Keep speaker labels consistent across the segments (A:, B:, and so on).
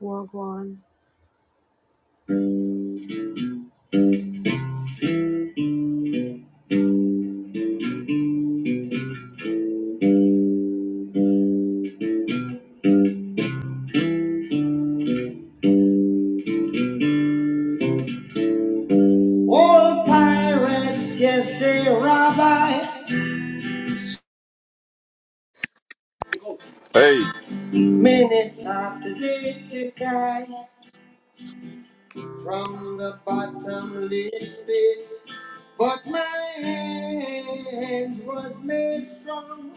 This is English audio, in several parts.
A: Wagwan. All pirates, yes, they rabbi.
B: Hey,
A: Minutes after they took I from the bottomless pit. But my hand was made strong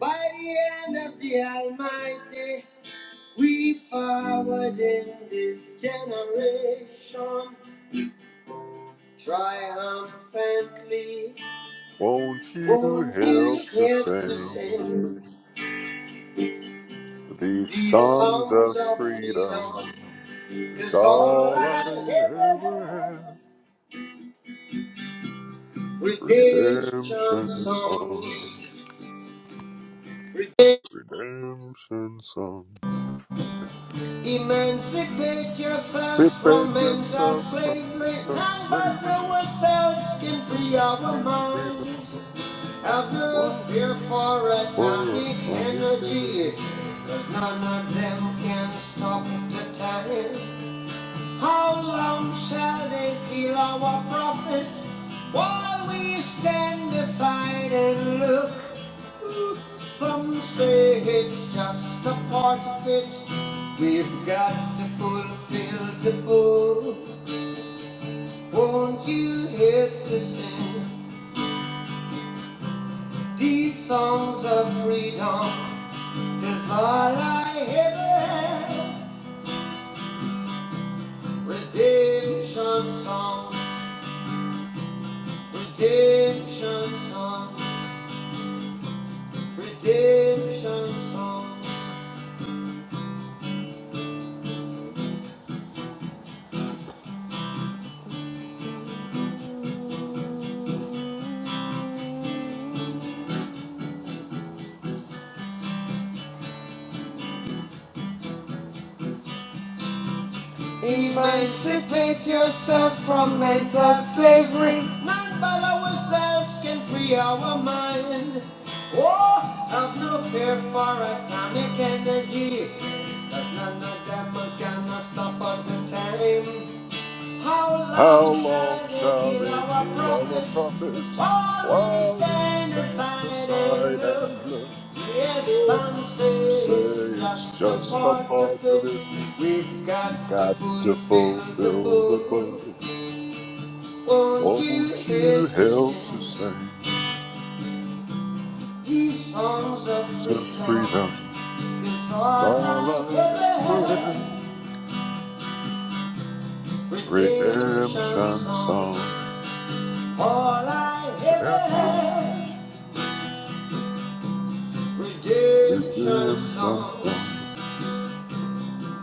A: by the hand of the Almighty. We forward in this generation triumphantly.
B: won't you
A: Won't you
B: help to
A: help to
B: sing
A: sing?
B: these
A: These
B: songs
A: songs
B: of
A: of freedom,
B: freedom? Is
A: cause all
B: all I
A: I ever
B: ever
A: had,
B: have.
A: redemption
B: Redemption
A: songs.
B: songs,
A: Rede-
B: redemption songs.
A: Emancipate yourselves from
B: Separate
A: mental
B: yourselves from
A: slavery,
B: mental
A: none but
B: slavery
A: ourselves can free our
B: and
A: minds.
B: freedom.
A: Have no
B: Wolf
A: fear for
B: for us,
A: atomic energy,
B: Sonic
A: 'cause none of them can stop the time. How long shall they kill our prophets while we stand aside and look? Some say it's just a part of it. We've got to fulfill the book. Won't you help to sing these songs of freedom? 'Cause all I ever have. Redemption songs, redemption songs. Redemption songs. Emancipate yourself from mental slavery. None but ourselves can free our mind. Oh, have no fear for atomic energy. Cause none of them can stop at the time. How
B: How
A: long
B: long
A: shall they
B: shall
A: kill
B: they
A: our
B: kill our
A: prophets
B: prophets
A: while we
B: while we
A: stand
B: stand
A: aside and
B: aside
A: look?
B: and look?
A: Yes, some say
B: Say
A: it's
B: it's
A: just a
B: just a
A: part of
B: part of
A: it.
B: it.
A: We've
B: You've
A: got to
B: got to
A: fulfill the
B: fulfill the book.
A: book. Won't you
B: Won't you
A: help to
B: help to
A: sing
B: sing?
A: these songs of
B: The
A: freedom?
B: freedom
A: 'Cause
B: is
A: all I
B: all I
A: ever
B: ever am.
A: had, redemption
B: Redemption
A: songs.
B: song.
A: All I ever
B: Ever.
A: had. Redemption
B: Redemption
A: songs,
B: song.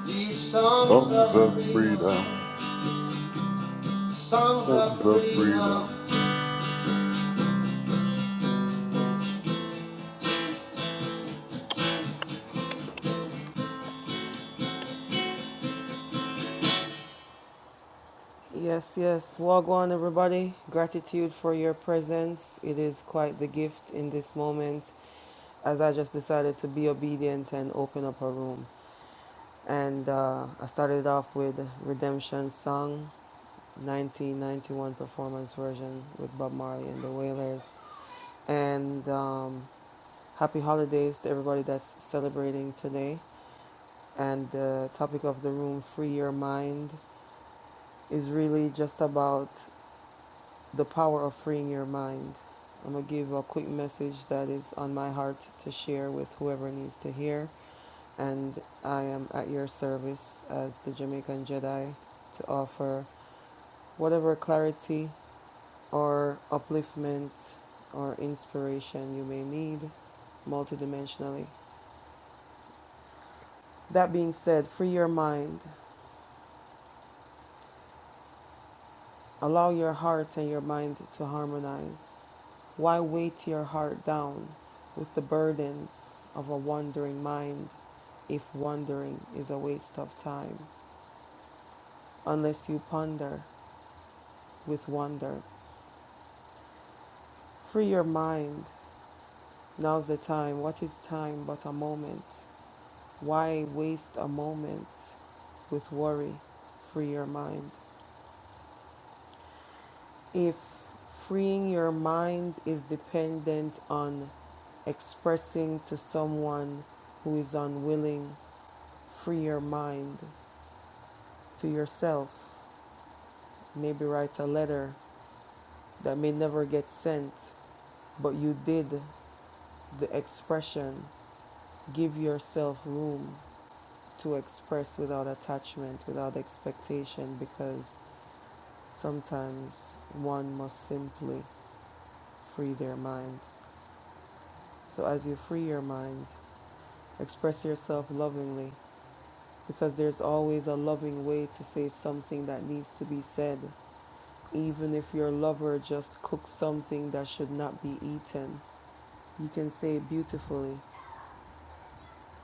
A: these songs
B: Songs
A: of
B: of
A: freedom,
B: freedom.
A: songs
B: Songs
A: of
B: of freedom.
A: freedom. Yes, yes, Wagwan, everybody. Gratitude for your presence. It is quite the gift in this moment as I just decided to be obedient and open up a room. And uh, I started off with Redemption Song, 1991 performance version with Bob Marley and the Wailers. And um, Happy holidays to everybody that's celebrating today. And the topic of the room, Free Your Mind, is really just about the power of freeing your mind. I'm going to give a quick message that is on my heart to share with whoever needs to hear. And I am at your service as the Jamaican Jedi to offer whatever clarity or upliftment or inspiration you may need multidimensionally. That being said, free your mind. Allow your heart and your mind to harmonize. Why weight your heart down with the burdens of a wandering mind if wandering is a waste of time? Unless you ponder with wonder. Free your mind. Now's the time. What is time but a moment? Why waste a moment with worry? Free your mind. If freeing your mind is dependent on expressing to someone who is unwilling, free your mind to yourself. Maybe write a letter that may never get sent, but you did the expression. Give yourself room to express without attachment, without expectation, because sometimes one must simply free their mind. So as you free your mind, Express yourself lovingly because there's always a loving way to say something that needs to be said. Even if your lover just cooks something that should not be eaten, you can say beautifully,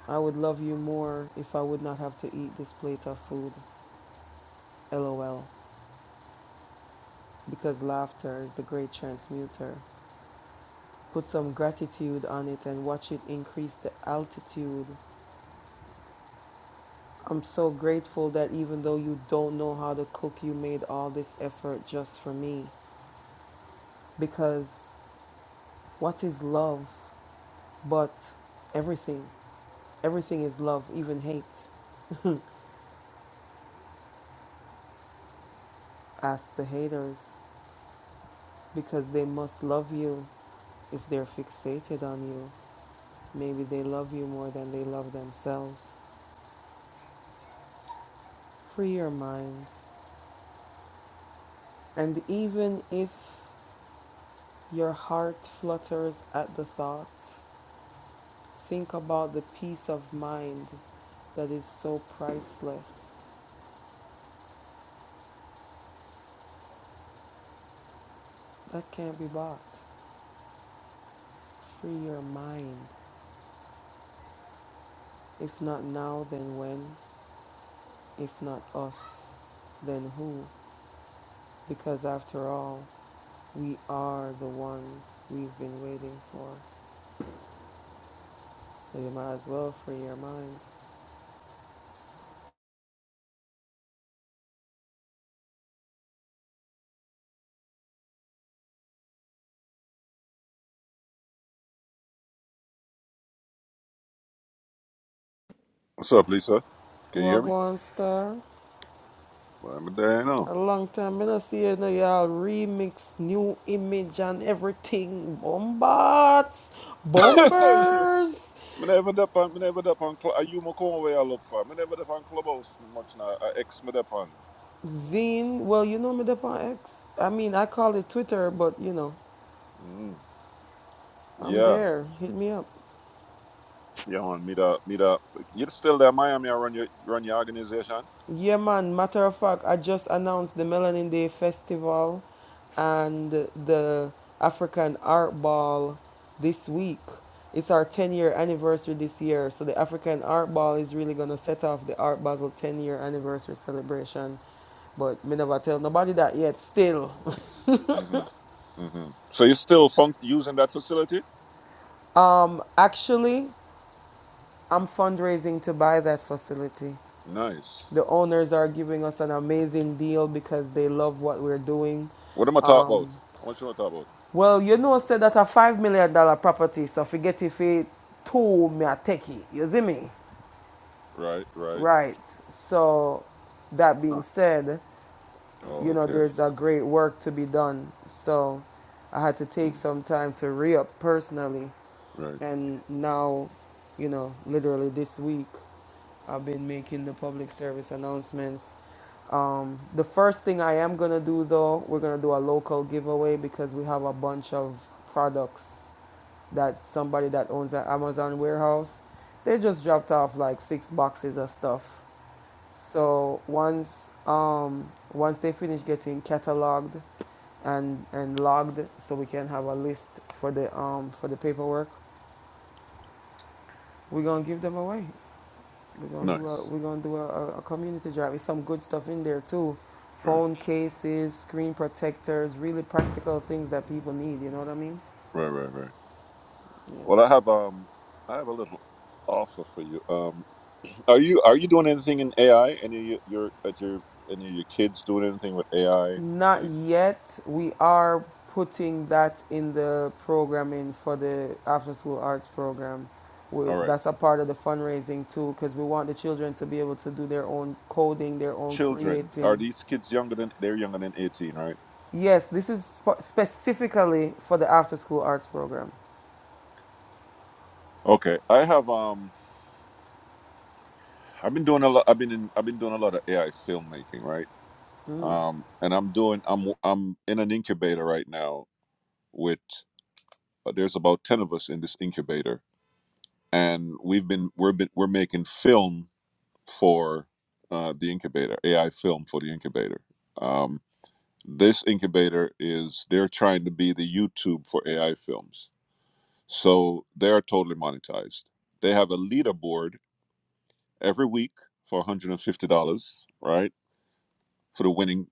A: I would love you more if I would not have to eat this plate of food. LOL. Because laughter is the great transmuter. Put some gratitude on it and watch it increase the altitude. I'm so grateful that even though you don't know how to cook, you made all this effort just for me. because what is love but everything? Everything is love, even hate. Ask the haters because they must love you if they're fixated on you. Maybe they love you more than they love themselves. Free your mind. And even if your heart flutters at the thought, think about the peace of mind that is so priceless. That can't be bought. Free your mind. If not now, then when? If not us, then who? Because after all, we are the ones we've been waiting for. So you might as well free your mind.
B: What's up, Lisa? Can you hear me?
A: Wagwan Star,
B: Well, I'm dying on.
A: a long time I don't see you now. Y'all remix new image and everything. Bombats,
B: you, f-
A: bombers,
B: me never dep on, me never dep on. Cl- are you my corn where I look for? Me never dep on clubhouse much now. I ex me dep on.
A: zine. Well, you know me, Depon X. I mean, I call it Twitter, but you know,
B: Mm.
A: I'm
B: Yeah,
A: there. Hit me up.
B: yeah, man. Me that, me that. You're still there, Miami. I run your run your organization.
A: Yeah, man. Matter of fact, I just announced the Melanin Day Festival and the African Art Ball this week. It's our 10 year anniversary this year. So, the African Art Ball is really going to set off the Art Basel 10 year anniversary celebration. But me never tell nobody that yet, still.
B: hmm hmm So you still func- using that facility?
A: Um, actually, I'm fundraising to buy that facility.
B: Nice.
A: The owners are giving us an amazing deal because they love what we're doing
B: What am I talk about? How much am I talk about?
A: Well, you know, said that a five million dollar property, so forget if it two me a techie. You see me?
B: Right, right.
A: Right. So that being
B: Huh.
A: said, you
B: Oh,
A: know,
B: okay.
A: there's a great work to be done. So I had to take
B: Cool.
A: some time to re up personally
B: Right.
A: and now, you know, literally this week I've been making the public service announcements. Um, the first thing I am gonna do though, we're gonna do a local giveaway because we have a bunch of products that somebody that owns an Amazon warehouse, they just dropped off like six boxes of stuff. So once um, once they finish getting cataloged and and logged, so we can have a list for the um, for the paperwork, we're gonna give them away. We're gonna do a
B: Nice.
A: we're gonna do a, a- community drive. There's some good stuff in there too.
B: Right.
A: Phone cases, screen protectors, really practical things that people need, you know what I mean?
B: Right. Right. Right.
A: Yeah.
B: Well, I have um, I have a little offer for you. Um, are you are you doing anything in AI? Any of your your- at your any of your kids doing anything with AI?
A: Not
B: Any,
A: yet. We are putting that in the programming for the after school arts program. We,
B: all right,
A: that's a part of the fundraising too, because we want the children to be able to do their own coding, their own
B: children. Are
A: creating.
B: these kids younger than they're younger than eighteen, right?
A: Yes, this is for, specifically for the after school arts program.
B: Okay, I have um, I've been doing a lot. I've been in, I've been doing a lot of AI filmmaking, right? Um, and I'm doing I'm I'm in an incubator right now with uh, there's about ten of us in this incubator, and we've been we're been we're making film for uh, the incubator, AI film for the incubator. Um, this incubator is they're trying to be the YouTube for AI films, so they are totally monetized. They have a leaderboard every week for one hundred and fifty dollars, right, for the winning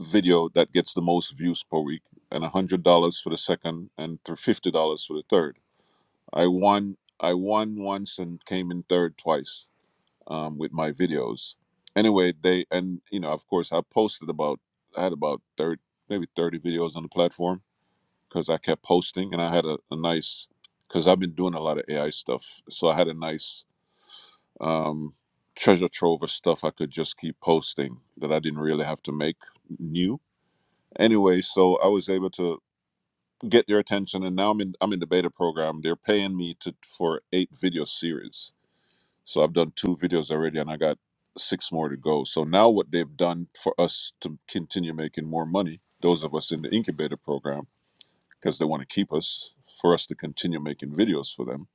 B: video that gets the most views per week, and one hundred dollars for the second, and fifty dollars for the third. I won. I won once and came in third twice um, with my videos. Anyway, they and you know, of course, I posted about I had about thirty, maybe thirty videos on the platform because I kept posting, and I had a, a nice because I've been doing a lot of AI stuff, so I had a nice um, treasure trove of stuff I could just keep posting that I didn't really have to make new. Anyway, so I was able to get their attention, and now I'm in I'm in the beta program. They're paying me to for eight video series so I've done two videos already and I got six more to go. So now what they've done for us to continue making more money, those of us in the incubator program, because they want to keep us, for us to continue making videos for them.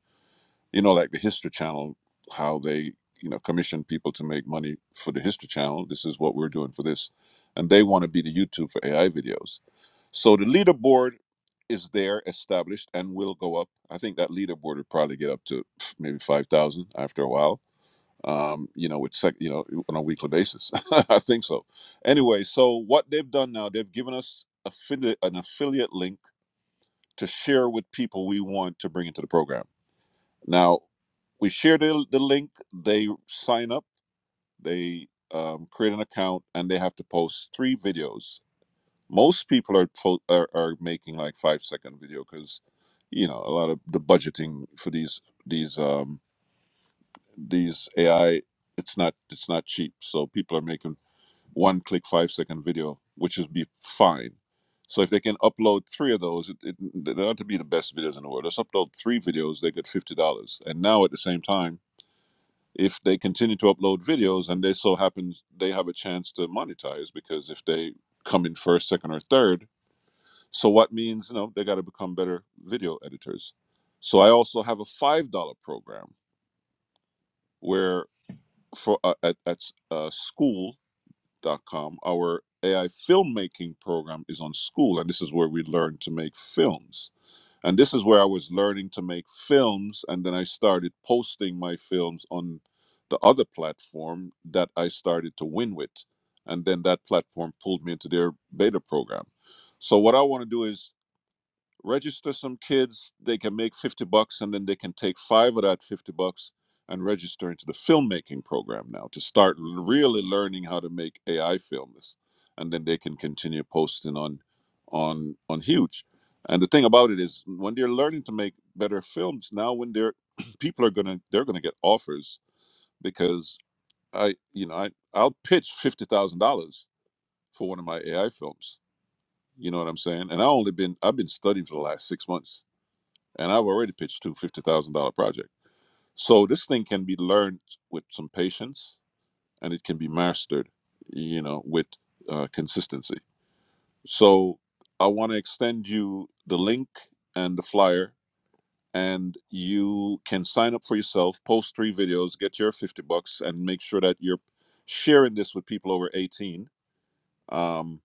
B: You know, like the History Channel, how they, you know, commission people to make money for the History Channel. This is what we're doing for this. And they want to be the YouTube for AI videos. So the leaderboard is there established and will go up. I think that leaderboard would probably get up to pff, maybe 5,000 after a while um, you know, with sec, you know, on a weekly basis. I think so. Anyway, so what they've done now, they've given us affiliate, an affiliate link to share with people we want to bring into the program. Now we share the, the link, they sign up, they um, create an account, and they have to post three videos. Most people are po- are, are making like five second video because, you know, a lot of the budgeting for these these um, these AI it's not it's not cheap. So people are making one click five second video, which would be fine. So if they can upload three of those, it, it, they don't have to be the best videos in the world. Let's upload three videos, they get fifty dollars. And now at the same time, if they continue to upload videos and they so happen they have a chance to monetize because if they come in first, second, or third, so what means you know they got to become better video editors. So I also have a five dollar program where for uh, at at a school dot com. Our AI filmmaking program is on school, and this is where we learn to make films. And this is where I was learning to make films, and then I started posting my films on the other platform that I started to win with. And then that platform pulled me into their beta program. So, what I want to do is register some kids they can make 50 bucks and then they can take five of that 50 bucks and register into the filmmaking program now to start really learning how to make ai films and then they can continue posting on on on huge and the thing about it is when they're learning to make better films now when they're people are gonna they're gonna get offers because i you know i i'll pitch $50000 for one of my ai films you know what i'm saying and i only been i've been studying for the last six months and I've already pitched two fifty thousand dollar project. So this thing can be learned with some patience, and it can be mastered, you know, with uh, consistency. So I want to extend you the link and the flyer, and you can sign up for yourself, post three videos, get your fifty bucks, and make sure that you're sharing this with people over eighteen, um,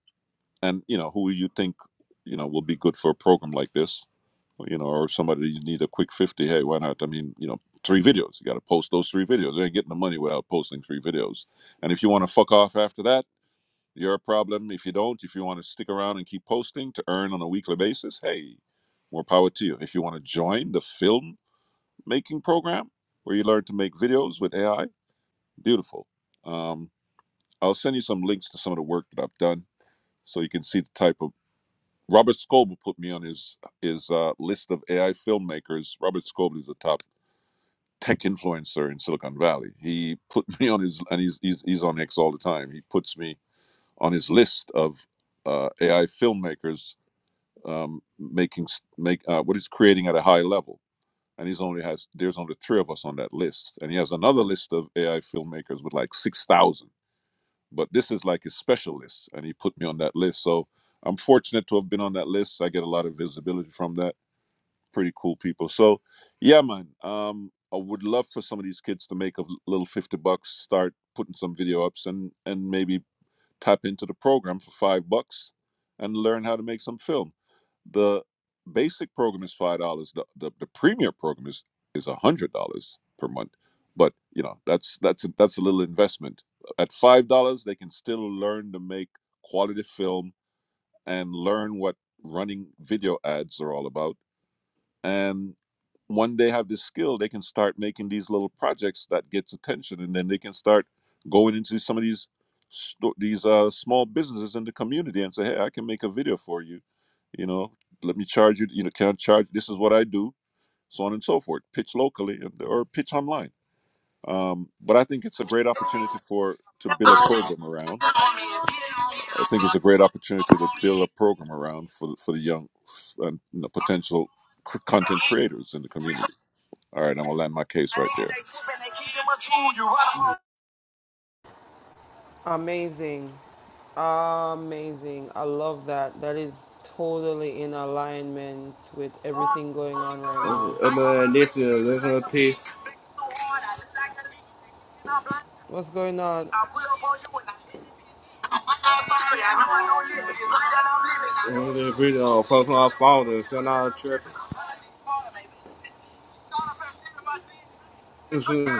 B: and you know who you think you know will be good for a program like this you know, or somebody you need a quick 50, hey, why not? I mean, you know, three videos. You got to post those three videos. You ain't getting the money without posting three videos. And if you want to fuck off after that, you're a problem. If you don't, if you want to stick around and keep posting to earn on a weekly basis, hey, more power to you. If you want to join the film making program where you learn to make videos with AI, beautiful. Um, I'll send you some links to some of the work that I've done so you can see the type of Robert Scoble put me on his his uh, list of AI filmmakers. Robert Scoble is the top tech influencer in Silicon Valley. He put me on his, and he's he's, he's on X all the time. He puts me on his list of uh, AI filmmakers um, making s- make uh, what he's creating at a high level. And he's only has there's only three of us on that list, and he has another list of AI filmmakers with like six thousand. But this is like his special list, and he put me on that list. So I'm fortunate to have been on that list. I get a lot of visibility from that pretty cool people. So, yeah, man. Um, I would love for some of these kids to make a little fifty bucks, start putting some video ups, and and maybe tap into the program for five bucks, and learn how to make some film. The basic program is five dollars. The, the the premier program is is a hundred dollars per month. But you know that's that's that's a little investment. At five dollars, they can still learn to make quality film and learn what running video ads are all about and when they have this skill they can start making these little projects that gets attention and then they can start going into some of these sto- these uh, small businesses in the community and say hey i can make a video for you you know let me charge you you know can i charge this is what i do so on and so forth pitch locally and- or pitch online um, but i think it's a great opportunity for to build a program around i think it's a great opportunity to build a program around for, the- for the young and you know, potential cr- content creators in the community all right, I'm gonna land my case right there.
A: Amazing. Amazing. I love that. That is totally in alignment with everything going on right now.
C: I'm gonna listen to this is a little piece.
A: What's going on?
C: I'm just reading on post my phone and send out a trip. You see, you see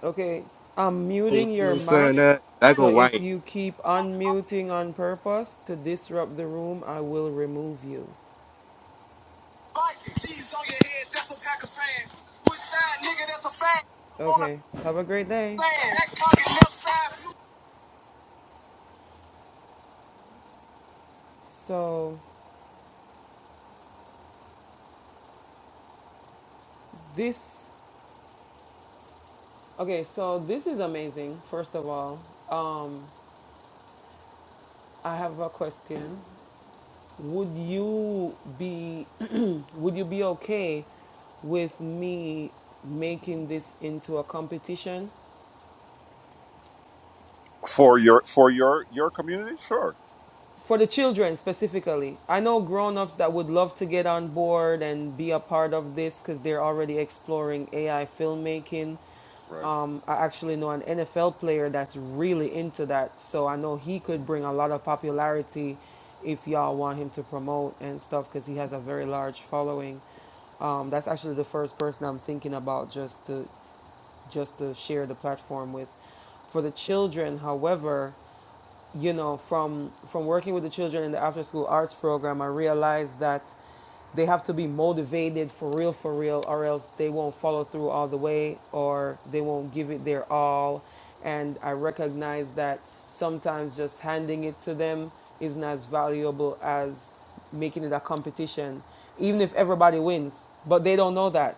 A: Okay, I'm muting
C: what
A: your
C: I'm
A: mic.
C: Saying that, that
A: So
C: go
A: if
C: Wayne.
A: you keep unmuting on purpose to disrupt the room, I will remove you. Okay, have a great day. So this, okay, so this is amazing, first of all. Um, I have a question. Would you be, would you be okay with me making this into a competition?
B: for your for your your community sure
A: for the children specifically i know grown-ups that would love to get on board and be a part of this because they're already exploring ai filmmaking
B: right
A: um, i actually know an nfl player that's really into that so i know he could bring a lot of popularity if y'all want him to promote and stuff because he has a very large following um, that's actually the first person i'm thinking about just to just to share the platform with for the children however you know, from from working with the children in the after school arts program, I realized that they have to be motivated for real, for real, or else they won't follow through all the way or they won't give it their all. And I recognize that sometimes just handing it to them isn't as valuable as making it a competition, even if everybody wins. But they don't know that.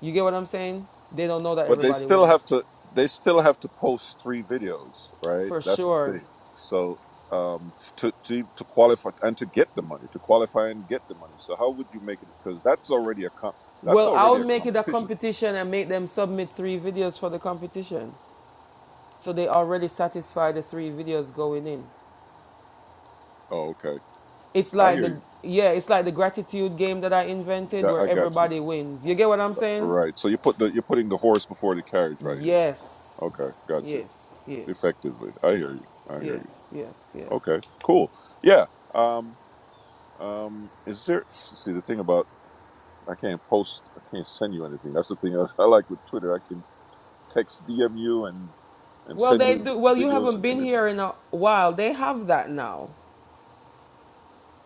A: You get what I'm saying? They don't know that
B: but they
A: everybody
B: still
A: wins.
B: have to they still have to post three videos right
A: For
B: that's the
A: sure.
B: thing so um to to to qualify and to get the money to qualify and get the money so how would you make it because that's already a comp that's
A: Well, I
B: already
A: would
B: a
A: make it a
B: competition
A: competition and make them submit three videos for the competition. So they already satisfy the three videos going in.
B: oh okay
A: It's
B: i
A: like
B: hear
A: the
B: you
A: yeah, it's like the gratitude game that I invented
B: Got-
A: where
B: i got you
A: everybody wins. You get what I'm saying?
B: right so you put the you're putting the horse before the carriage right here
A: Yes.
B: okay got you
A: Yes. Yes.
B: effectively i hear you i hear you
A: Yes. Yes. Yes.
B: okay cool yeah Um. Um, is there? See, the thing about I can't post, I can't send you anything. That's the thing else I like with Twitter. I can text, DM you, and and
A: Well,
B: send
A: they
B: you
A: do. Well, you
B: videos
A: haven't
B: and
A: been
B: images.
A: here in a while. They have that now.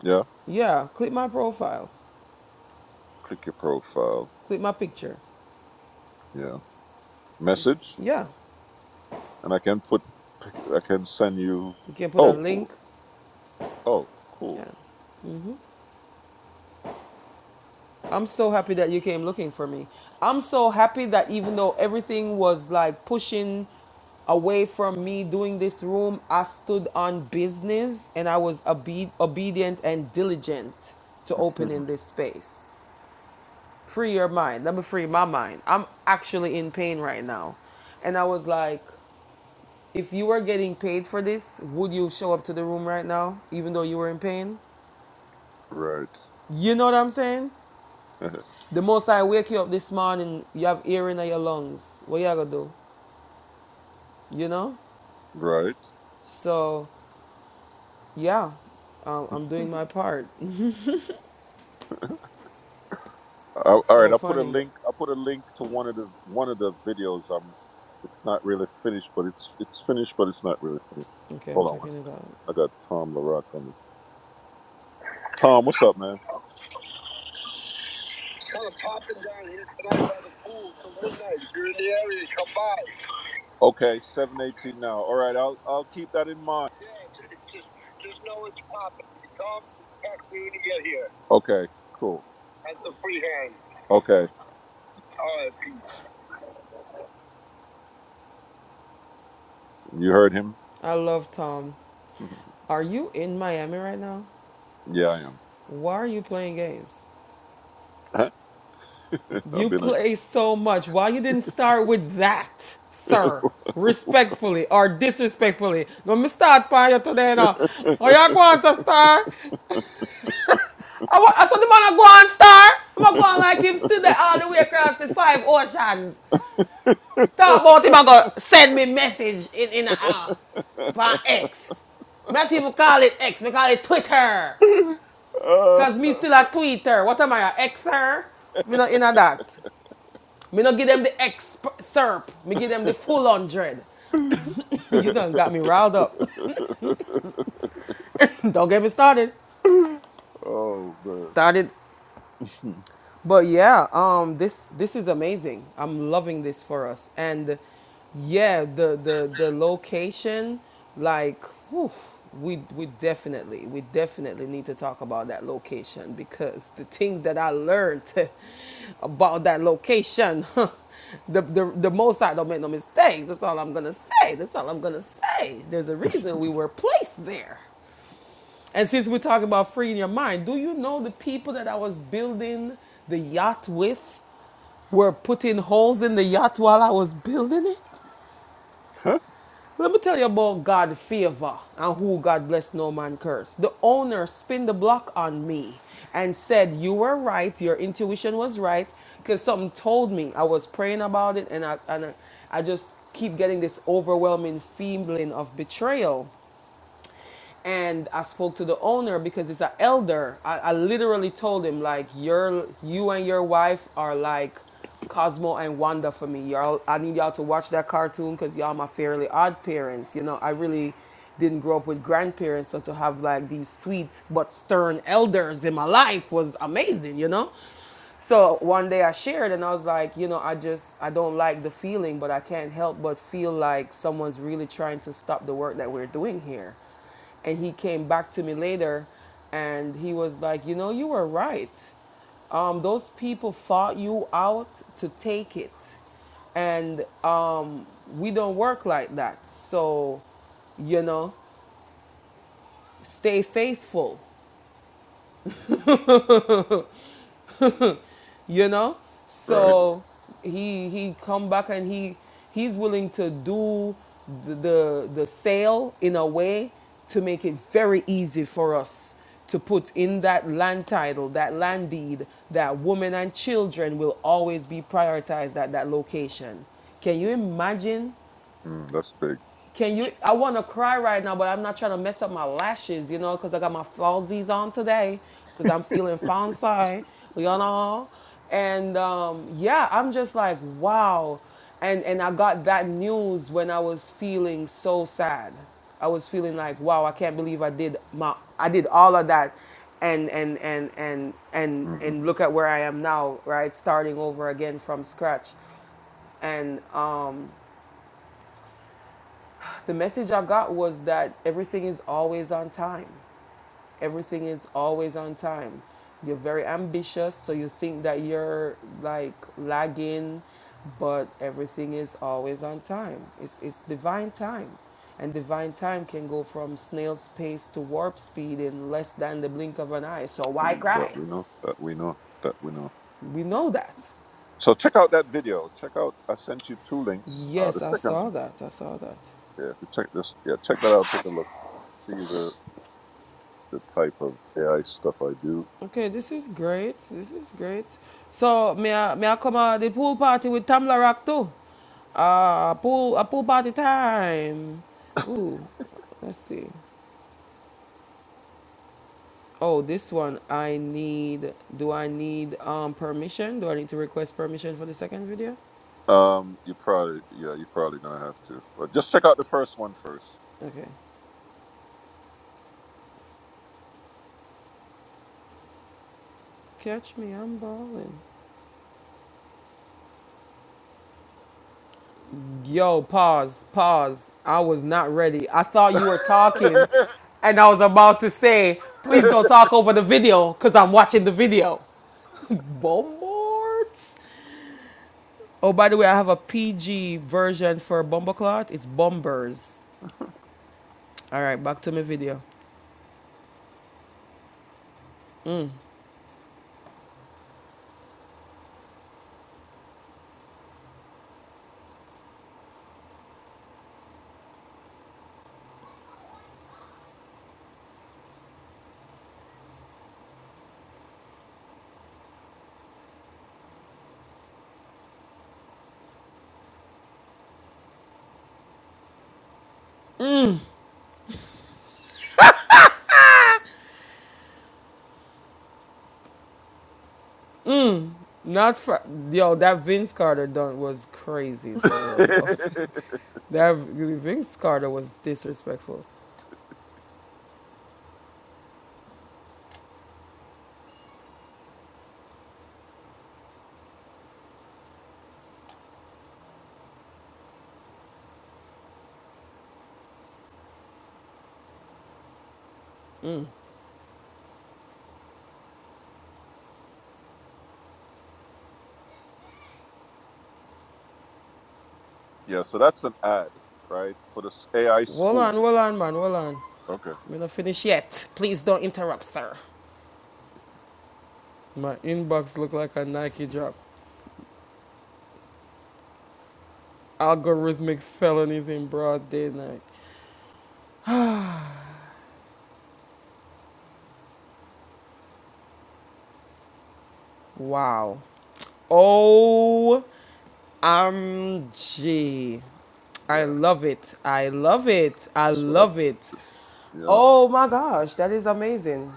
B: Yeah,
A: Yeah, click my profile.
B: click your profile.
A: Click my picture.
B: Yeah,
A: You s
B: message,
A: yeah,
B: and I can put, pic- I can send you.
A: you can put a
B: Oh,
A: link.
B: cool. Oh, cool.
A: Yeah. Mm-hmm. I'm so happy that you came looking for me. I'm so happy that even though everything was like pushing away from me doing this room, I stood on business and I was obe- obedient and diligent to opening this space. Free your mind. Let me free my mind. I'm actually in pain right now. And I was like, if you were getting paid for this, would you show up to the room right now, even though you were in pain?
B: right,
A: You know what I'm saying? The most I wake you up this morning, you have air in your lungs. What you gonna do? You know?
B: right.
A: So, yeah, um, I'm doing my part.
B: Uh, all right,
A: so
B: I'll put a
A: funny.
B: link. I'll put a link to one of the one of the videos. Um, it's not really finished, but it's it's finished, but it's not really finished.
A: Okay, I'm
B: Hold on one
A: checking it
B: second.
A: out.
B: I got Tom Larock on this. Tom, what's up, man? Kind of popping down here tonight by the pool till midnight. If you're in the area, come by. Okay, seven eighteen now. All right, I'll I'll keep that in mind. Yeah, ju- just just know it's popping. If You come, just text me when you get here. Okay, cool. That's the free hand. Okay. All right, peace. You heard him.
A: I love Tom. Are you in Miami right now?
B: Yeah, I am.
A: Why are you playing games? You
B: I've been a.
A: play so much. Why you didn't start with that, sir? Respectfully or disrespectfully. No, me start by you today now. Oh, you go on, sir, I, wa- I saw the man a go on star. I'm a go on like him still there all the way across the five oceans. Talk about him I go send me message in in an hour upon X. Me not even call it X, me call it Twitter.
B: Uh,
A: Cause me still a Twitter. What am I a Xer? Me not in a that. Me not give them the X serp. Me give them the full hundred. you done got me riled up. Don't get me started.
B: oh man.
A: Started But yeah, um, this this is amazing. I'm loving this for us. And yeah, the the the location, like, whew, we we definitely we definitely need to talk about that location because the things that I learned about that location, the the the most I don't make no mistakes. That's all I'm gonna say. That's all I'm gonna say. There's a reason we were placed there. And since we're talking about freeing your mind, do you know the people that I was building the yacht with were putting holes in the yacht while I was building it?
B: Huh?
A: Let me tell you about God's favor and who God bless no man curse. The owner spin the block on me and said, You were right, your intuition was right, because something told me. I was praying about it and I and I, I just keep getting this overwhelming feeling of betrayal and I spoke to the owner because it's an elder. I, I literally told him like your you and your wife are like Cosmo and Wanda for me. Y'all, I need y'all to watch that cartoon because y'all my fairly odd parents. You know, I really didn't grow up with grandparents, so to have like these sweet but stern elders in my life was amazing. You know. So one day I shared and I was like, you know, I just I don't like the feeling, but I can't help but feel like someone's really trying to stop the work that we're doing here and he came back to me later and he was like you know you were right um, those people fought you out to take it and um, we don't work like that so you know stay faithful you know
B: right.
A: so he he come back and he he's willing to do the, the the sale in a way to make it very easy for us to put in that land title that land deed that women and children will always be prioritized at that location can you imagine
B: Mm, that's big.
A: can you? I want to cry right now, but I'm not trying to mess up my lashes, you know, because I got my falsies on today, because I'm feeling fancy, you know. And um, yeah, I'm just like, wow. And and I got that news when I was feeling so sad. I was feeling like, wow, I can't believe I did my, I did all of that, and and and and and
B: hmm
A: and look at where I am now, right? Starting over again from scratch, and um, the message I got was that everything is always on time. Everything is always on time. You're very ambitious, so you think that you're like lagging, but everything is always on time. It's, it's divine time. And divine time can go from snail's pace to warp speed in less than the blink of an eye. So why
B: That
A: cry?
B: we know. That we know. That we know.
A: We know that.
B: So check out that video. Check out. I sent you two links. Uh, the
A: Yes, I
B: second
A: saw
B: link.
A: that. I saw that.
B: Yeah, if you check this. Yeah, check that out. Take a look. See the the type of AI stuff I do.
A: Okay, this is great. This is great. So may I may I come at the pool party with Tamla Rock too? Uh pool a pool party time. Ooh, let's see. Oh, this one I need do I need um permission? Do I need to request permission for the second video?
B: Um, you probably, yeah, you're probably gonna have to. But just check out the first one first.
A: Okay. Catch me, I'm balling. Yo, pause, pause. I was not ready. I thought you were talking, and I was about to say, please don't talk over the video because I'm watching the video. Bombers? Oh, by the way, I have a PG version for Bumbleclot. It's Bombers. All right, back to my video. Not for yo, that Vince Carter done was crazy for real though. That Vince Carter was disrespectful. Mm.
B: yeah, so that's an ad, right, for this AI
A: Hold
B: school.
A: on, hold on, man, hold on.
B: Okay.
A: We're not finished yet. Please don't interrupt, sir. My inbox looked like a Nike drop. Algorithmic felonies in broad daylight. Wow. Oh, OMG. I
B: Yeah,
A: love it. I love it. I
B: that's what I.
A: love it.
B: Yeah.
A: Oh my gosh, that is amazing.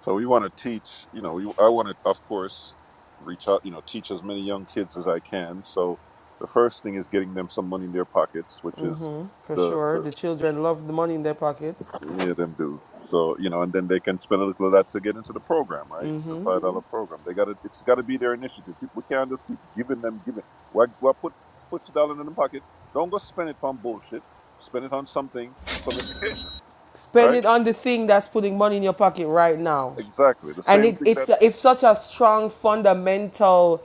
B: So we want to teach, you know, we, I want to, of course, reach out, you know, teach as many young kids as I can. So the first thing is getting them some money in their pockets, which is
A: For
B: the,
A: sure.
B: the,
A: The children love the money in their pockets.
B: many of them do. So, you know, and then they can spend a little of that to get into the program, right? The
A: Mm-hmm.
B: $5 dollar program. They got to, it's got to be their initiative. We can't just keep giving them, giving. Why, why put $40 in the pocket? Don't go spend it on bullshit. Spend it on something, some education,
A: Spend
B: right?
A: it on the thing that's putting money in your pocket right now.
B: Exactly. The
A: And
B: same
A: it,
B: thing that,
A: it's, it's such a strong fundamental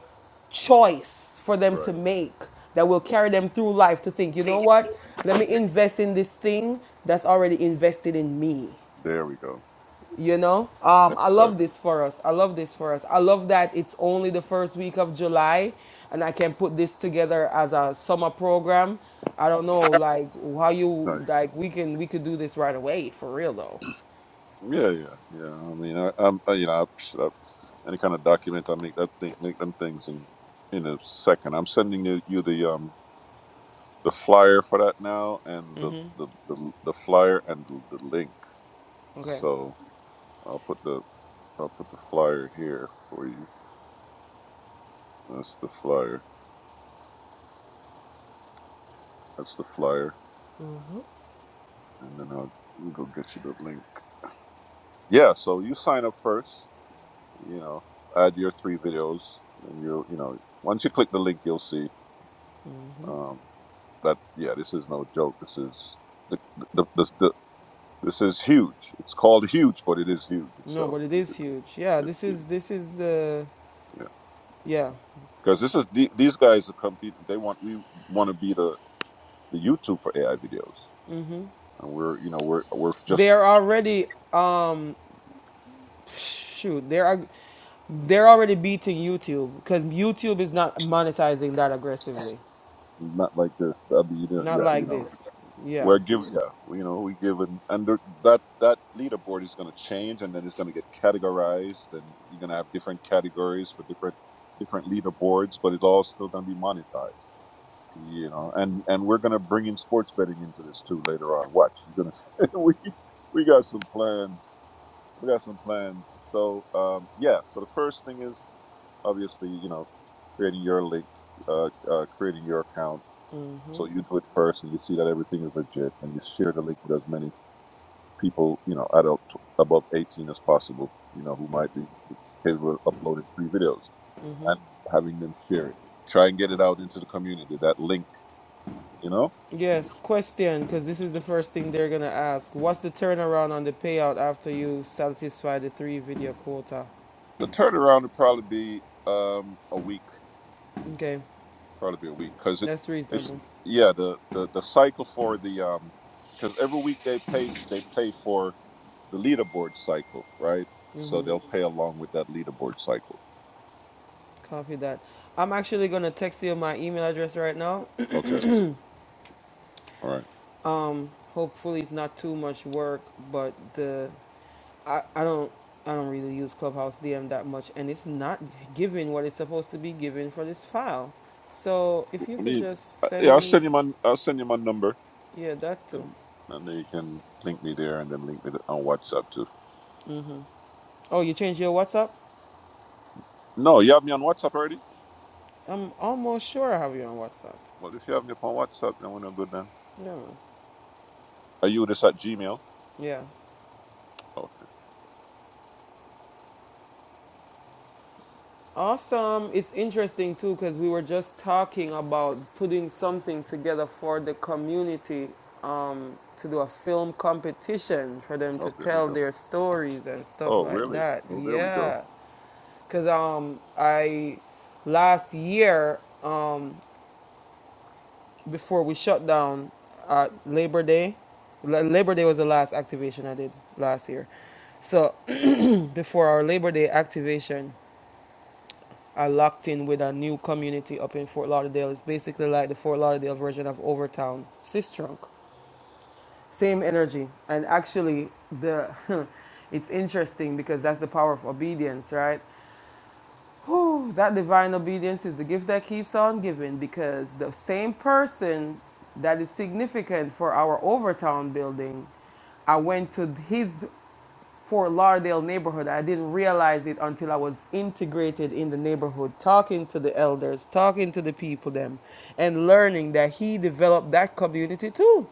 A: choice for them to
B: right.
A: make that will carry them through life to think, you know what? Let me invest in this thing that's already invested in me.
B: There we go.
A: You know? Um,
B: That's
A: I
B: right.
A: love this for us. I love this for us. I love that it's only the first week of July and I can put this together as a summer program. I don't know, like how you
B: Right.
A: like we can we could do this right away for real though.
B: Yeah, yeah, yeah. I mean, I, I'm, I, you know, I, psh, I, any kind of document, I make that thing, make them things in in a second. I'm sending you, you the um the flyer for that now, and the the the, the flyer and the, the link.
A: Okay.
B: So I'll put the I'll put the flyer here for you. That's the flyer. That's the flyer, and then I'll go get you the link. Yeah. So you sign up first. You know, add your three videos, and you'll you know once you click the link, you'll see.
A: hmm
B: Um, that yeah, this is no joke. This is the the, the, the this is huge. It's called huge, but it is huge
A: No,
B: itself.
A: but it
B: It's,
A: is huge. Yeah,
B: it's
A: this
B: huge.
A: is this is the
B: Yeah,
A: yeah.
B: because this is the- these guys are competing. They want we want to be the the YouTube for AI videos,
A: hmm
B: and we're you know we're we're just
A: They're already um shoot, they're they're already beating YouTube because YouTube is not monetizing that aggressively.
B: not like this. That'd be the-
A: Not
B: yeah you
A: like
B: know
A: this. Yeah.
B: We're giving, yeah, we- you know, we give an under that that leaderboard is going to change, and then it's going to get categorized, and you're going to have different categories for different different leaderboards, but it's all still going to be monetized, you know. And and we're going to bring in sports betting into this too later on. Watch, you're going to we we got some plans, we got some plans. So um, yeah, so the first thing is obviously you know creating your link, uh, uh, creating your account
A: hmm
B: so you do it first, and you see that everything is legit, and you share the link with as many people, you know, adult above 18 as possible, you know, who might be capable of uploading three videos
A: hmm
B: and having them share it. Try and get it out into the community. That link, you know,
A: Yes, question because this is the first thing they're gonna ask. What's the turnaround on the payout after you satisfy the three video quota?
B: the turnaround would probably be um, a week,
A: Okay,
B: probably be a week, because it's
A: that's
B: it's
A: reasonable.
B: yeah, the, the the cycle for the um, because every week they pay they pay for the leaderboard cycle, right? So they'll pay along with that leaderboard cycle.
A: Copy that. I'm actually gonna text you my email address right now.
B: Okay. All right.
A: Um, hopefully it's not too much work, but the I, I don't I don't really use Clubhouse DM that much, and it's not giving what it's supposed to be given for this file. So if you
B: I
A: could
B: mean,
A: just
B: uh, yeah,
A: send
B: I'll
A: me,
B: send you my I'll send you my number,
A: yeah, that too.
B: and and then you can link me there, and then link me on WhatsApp too.
A: Mm-hmm. Oh, you changed your WhatsApp?
B: No, you have me on WhatsApp already.
A: I'm almost sure I have you on WhatsApp.
B: Well, if you have me up on WhatsApp, then we're no good then.
A: Yeah, man.
B: Are you this at Gmail?
A: Yeah.
B: Okay.
A: Awesome. It's interesting too because we were just talking about putting something together for the community um, to do a film competition for them to
B: Oh, there we
A: tell
B: go.
A: their stories and stuff
B: Oh,
A: like
B: really?
A: that.
B: Oh, there we go.
A: Yeah. Because um, I, last year, um, before we shut down at Labor Day, La- Labor Day was the last activation I did last year. So before our Labor Day activation, are locked in with a new community up in Fort Lauderdale. It's basically like the Fort Lauderdale version of Overtown. Sistrunk. Same energy. And actually the it's interesting because that's the power of obedience, right? Whew, that divine obedience is the gift that keeps on giving because the same person that is significant for our Overtown building I went to his Fort Lauderdale neighborhood. I didn't realize it until I was integrated in the neighborhood, talking to the elders, talking to the people them, and learning that he developed that community too.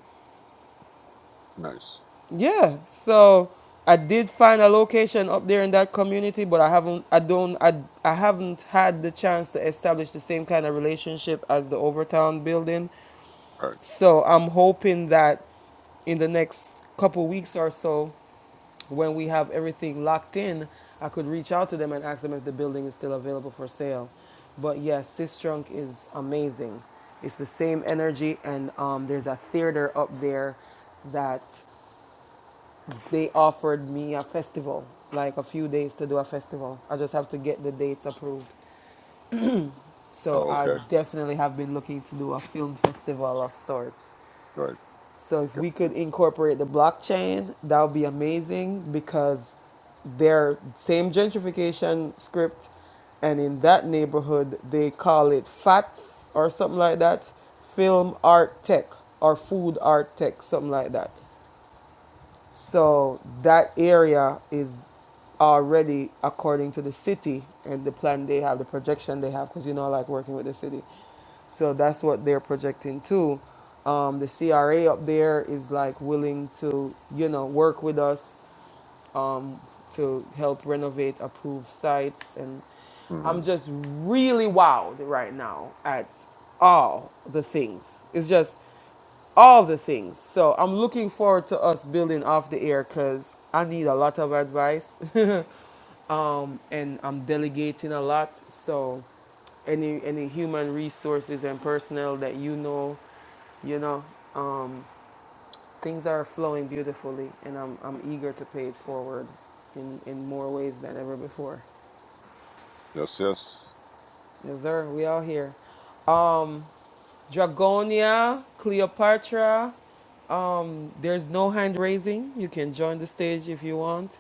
B: Nice.
A: Yeah, so I did find a location up there in that community, but I haven't, I don't, I, I haven't had the chance to establish the same kind of relationship as the Overtown building
B: All right.
A: so I'm hoping that in the next couple weeks or so, when we have everything locked in, I could reach out to them and ask them if the building is still available for sale. But yes, Sis Trunk is amazing. It's the same energy, and um, there's a theater up there that they offered me a festival, like a few days to do a festival. I just have to get the dates approved. So
B: Oh,
A: I
B: okay.
A: definitely have been looking to do a film festival of sorts.
B: Right.
A: So if we could incorporate the blockchain, that would be amazing because their same gentrification script and in that neighborhood they call it FATS or something like that, film art tech or food art tech, something like that. So that area is already according to the city and the plan they have, the projection they have, because you know, I like working with the city. So that's what they're projecting too. Um, the CRA up there is like willing to, you know, work with us um, to help renovate approved sites. And
B: Mm-hmm.
A: I'm just really wowed right now at all the things. It's just all the things. So I'm looking forward to us building off the air because I need a lot of advice, um, and I'm delegating a lot. So any any human resources and personnel that you know, you know, um, things are flowing beautifully and I'm, I'm eager to pay it forward in, in more ways than ever before.
B: Yes. Yes.
A: Yes, sir. We all here. Dragonia, Cleopatra. There's no hand raising. You can join the stage if you want.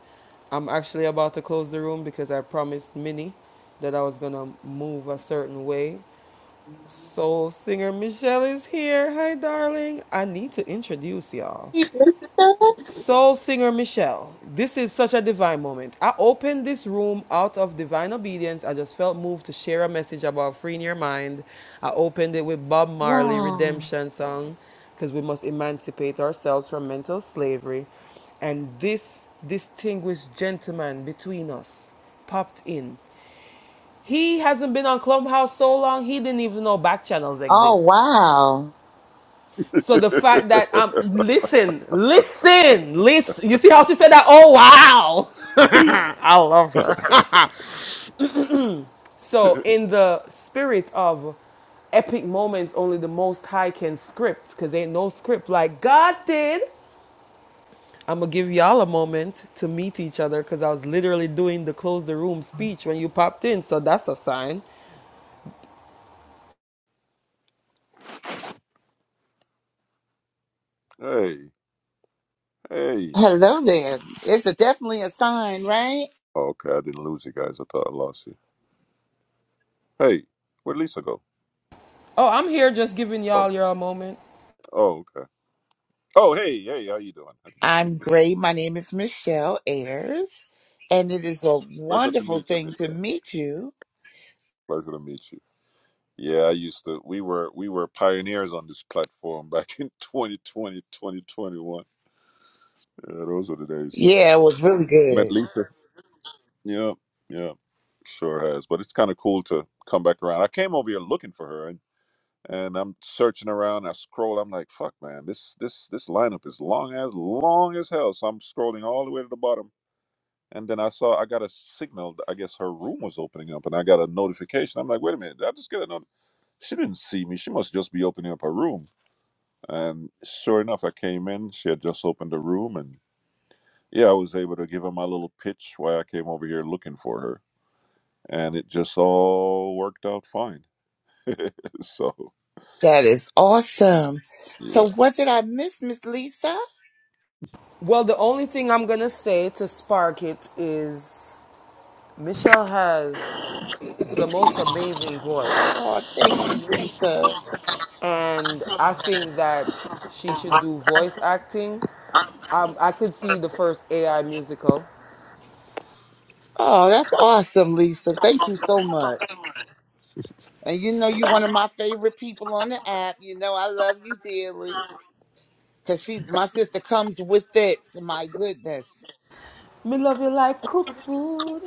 A: I'm actually about to close the room because I promised Minnie that I was going to move a certain way. Soul singer Michelle is here. Hi, darling. I need to introduce y'all.
D: Hey, Lisa?
A: Soul singer Michelle, this is such a divine moment. I opened this room out of divine obedience. I just felt moved to share a message about freeing your mind. I opened it with Bob Marley
D: Wow.
A: redemption song because we must emancipate ourselves from mental slavery. And this distinguished gentleman between us popped in. He hasn't been on Clubhouse so long he didn't even know back channels
D: Oh,
A: exist.
D: wow.
A: So the fact that um listen, listen, listen. You see how she said that? Oh wow. I love her. so in the spirit of epic moments only the most high can script cuz ain't no script like God did. I'm going to give y'all a moment to meet each other cuz I was literally doing the close the room speech when you popped in, so that's a sign.
B: hey. Hey.
D: Hello there. It's a, definitely a sign, right?
B: Oh, okay, I didn't lose you guys. I thought I lost you. Hey, where'd Lisa go?
A: Oh, I'm here just giving
B: Oh.
A: y'all your moment.
B: Oh, okay. Oh, hey. Hey, how you doing?
D: I'm great. My name is Michelle Ayers, and it is a
B: Pleasure to
D: wonderful
B: meet you,
D: thing to
B: Mister.
D: meet you.
B: Pleasure to meet you. Yeah, I used to. We were we were pioneers on this platform back in 2020 2021. Yeah, those were the days.
D: Yeah, it was really
B: Met
D: good.
B: Lisa. Yeah, yeah, sure has. But it's kind of cool to come back around. I came over here looking for her, and and I'm searching around. I scroll. I'm like, fuck, man, this this this lineup is long as long as hell. So I'm scrolling all the way to the bottom. And then I saw I got a signal. that I guess her room was opening up, and I got a notification. I'm like, wait a minute, did I just get a notification? She didn't see me. She must just be opening up her room. And sure enough, I came in. She had just opened the room, and yeah, I was able to give her my little pitch why I came over here looking for her, and it just all worked out fine. So
D: That is awesome.
B: yeah,
D: So, what did I miss, Miss Lisa?
A: Well, the only thing I'm going to say to spark it is Michelle has the most amazing voice,
D: Oh, thank you, Lisa.
A: and I think that she should do voice acting. Um, I could see the first AI musical.
D: Oh, that's awesome, Lisa. Thank you so much. And you know, you're one of my favorite people on the app. You know, I love you dearly. Cause she, my sister, comes with it. My goodness.
A: Me love you like cook food.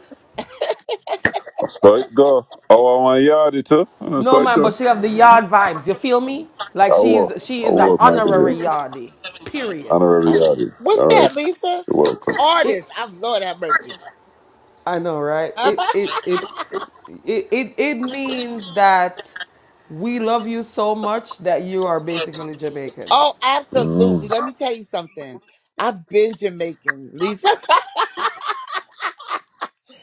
B: I said, go. Oh, my yard too. I'm
A: No
B: sorry,
A: man, but
B: go.
A: she have the yard vibes. You feel me?
B: I
A: Like
B: will.
A: she's she
B: I
A: is an
B: will, man.
A: honorary
B: Yeah.
A: yardie. Period.
B: Honorary
D: Oh,
B: yard.
D: what's
B: All right.
D: that, Lisa?
B: You're welcome.
A: It.
D: Artist. I'm Lord have mercy.
A: I know, right? It
D: oh,
A: it it it it, it means that we love you so much that you are basically Jamaican.
D: absolutely.
B: Mm,
D: Let me tell you something. I've been Jamaican, Lisa.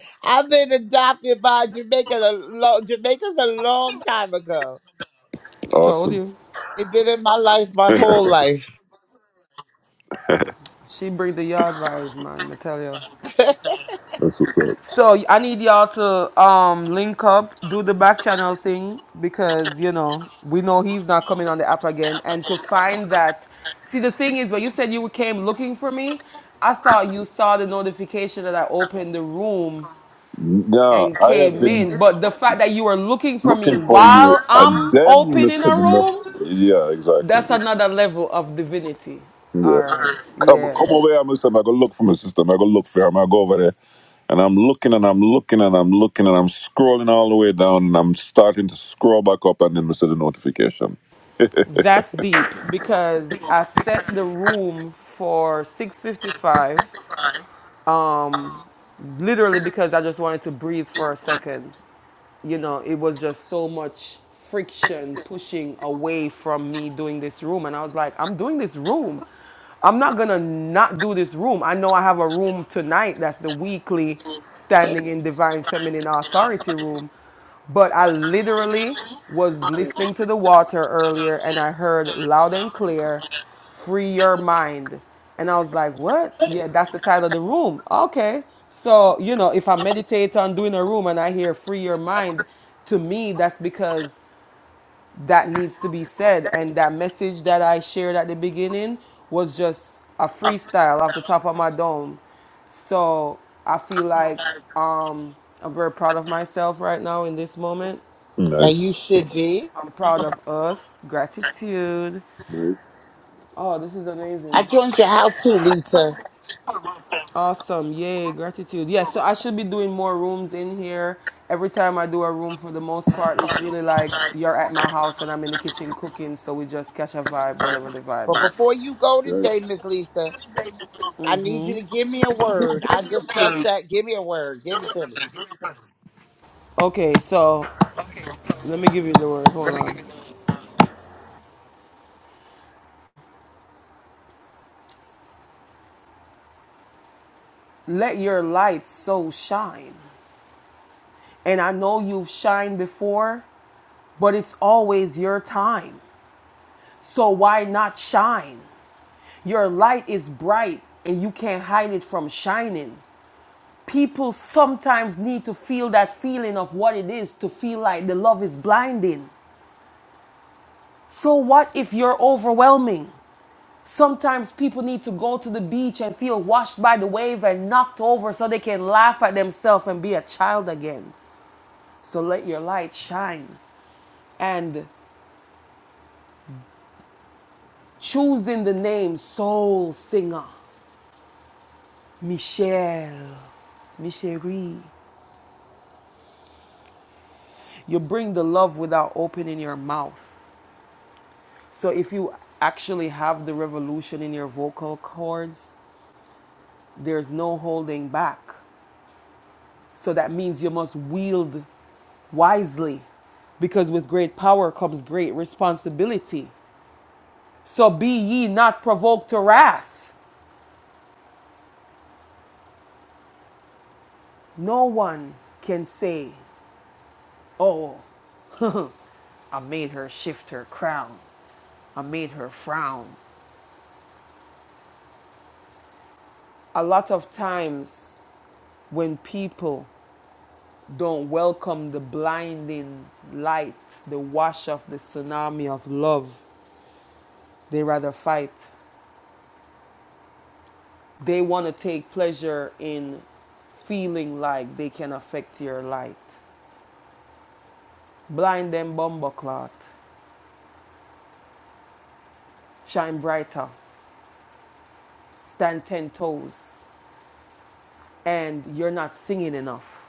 D: I've been adopted by Jamaica. A lo- Jamaicans a long time ago.
A: Told
B: awesome.
A: you.
D: They've been in my life my
B: That's
D: whole life,
A: She bring the yard vibes, man. I tell you.
D: and
B: what's up.
A: So I need y'all to um link up, do the back channel thing because you know we know he's not coming on the app again. And to find that, see the thing is when you said you came looking for me, I thought you saw the notification that I opened the room
B: No,
A: and
B: I have
A: came
B: been.
A: in. But the fact that you were looking for me
B: looking for you,
A: while
B: and
A: I'm
B: then
A: opening
B: Mr.
A: a room,
B: Dino. Yeah, exactly.
A: that's another level of divinity.
B: Yeah,
A: All right.
B: come
A: Yeah.
B: come over here, Mr. I'm gonna look for my sister. I'm gonna look for her. I'm gonna go over there, and I'm looking and I'm looking and I'm looking and I'm scrolling all the way down, and I'm starting to scroll back up, and then Mr. The notification.
A: That's deep because I set the room for 6:55 um literally because I just wanted to breathe for a second. You know, it was just so much friction pushing away from me doing this room and I was like, I'm doing this room. I'm not going to not do this room. I know I have a room tonight that's the weekly standing in divine feminine authority room but I literally was listening to the water earlier and I heard loud and clear, free your mind. And I was like, what? Yeah, that's the title of the room. Okay. So, you know, if I meditate on doing a room and I hear free your mind, to me, that's because that needs to be said. And that message that I shared at the beginning was just a freestyle off the top of my dome. So I feel like um, I'm very proud of myself right now in this moment.
D: you
B: Nice.
D: should be.
A: I'm proud of us. Gratitude.
B: Nice.
A: Oh, this is amazing.
D: I joined your house too, Lisa.
A: Awesome. Yay. Gratitude. Yeah, so I should be doing more rooms in here. Every time I do a room, for the most part, it's really like you're at my house and I'm in the kitchen cooking. So we just catch a vibe, whatever the
D: But
A: vibe is.
D: before you go
B: Yeah.
D: today, Miss Lisa, I need you to give me a word. I just felt that. Give me a word. Give it to me.
A: Okay, so let me give you the word. Hold on. Let your light so shine. And I know you've shined before, but it's always your time. So why not shine? Your light is bright and you can't hide it from shining. People sometimes need to feel that feeling of what it is to feel like the love is blinding. So what if you're overwhelming? Sometimes people need to go to the beach and feel washed by the wave and knocked over so they can laugh at themselves and be a child again. So let your light shine. And choosing the name Soul Singer, Michelle, Micherie, you bring the love without opening your mouth. So if you actually have the revolution in your vocal cords, there's no holding back. So that means you must wield wisely, because with great power comes great responsibility. So be ye not provoked to wrath. No one can say, Oh, I made her shift her crown. I made her frown. A lot of times, when people don't welcome the blinding light, the wash of the tsunami of love, they rather fight. they want to take pleasure in feeling like they can affect your light. Blind them bumbleclot, shine brighter, stand ten toes, and you're not singing enough,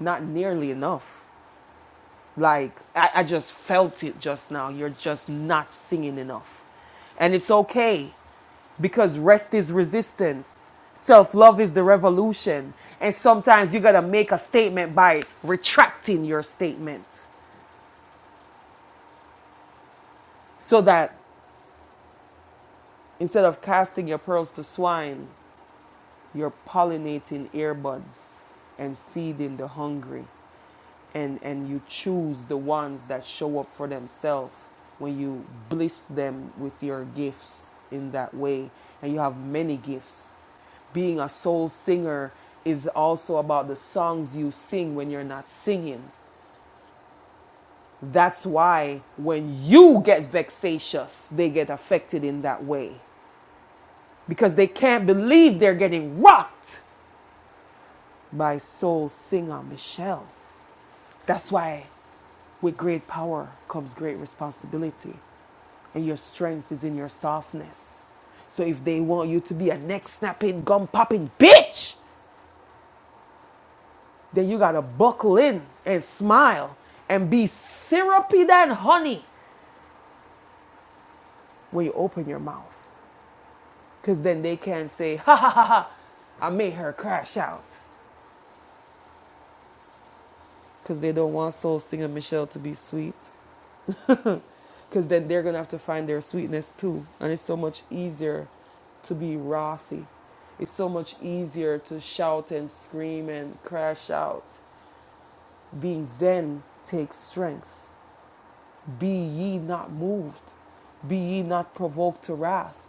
A: not nearly enough. Like I, I just felt it just now. You're just not singing enough, and it's okay because rest is resistance. Self love is the revolution. And sometimes you gotta make a statement by retracting your statement. so that instead of casting your pearls to swine, you're pollinating earbuds and feeding the hungry. And, and you choose the ones that show up for themselves when you bliss them with your gifts in that way. And you have many gifts. Being a soul singer is also about the songs you sing when you're not singing. That's why when you get vexatious, they get affected in that way because they can't believe they're getting rocked by soul singer Michelle. That's why with great power comes great responsibility, and your strength is in your softness. So if they want you to be a neck snapping, gum popping bitch, then you gotta buckle in and smile and be syrupy than honey when you open your mouth. Cause then they can say, ha ha ha ha, I made her crash out. Cause they don't want soul singer Michelle to be sweet. Because then they're going to have to find their sweetness too. And it's so much easier to be wrathy. It's so much easier to shout and scream and crash out. Being Zen takes strength. Be ye not moved. Be ye not provoked to wrath.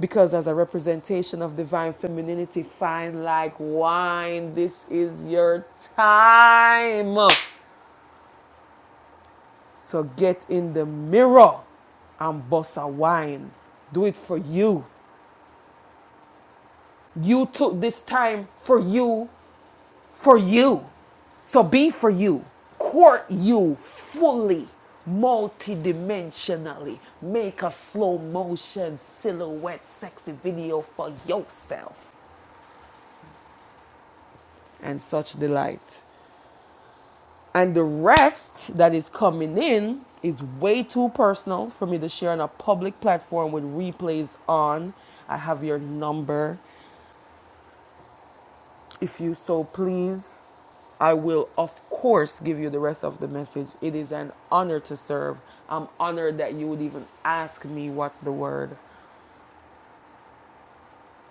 A: Because as a representation of divine femininity, fine like wine, this is your time. So get in the mirror and bust a wine. Do it for you. You took this time for you, for you. So be for you. Court you fully, multidimensionally. Make a slow motion silhouette sexy video for yourself and such delight. And the rest that is coming in is way too personal for me to share on a public platform with replays on. I have your number. If you so please, I will, of course, give you the rest of the message. It is an honor to serve. I'm honored that you would even ask me what's the word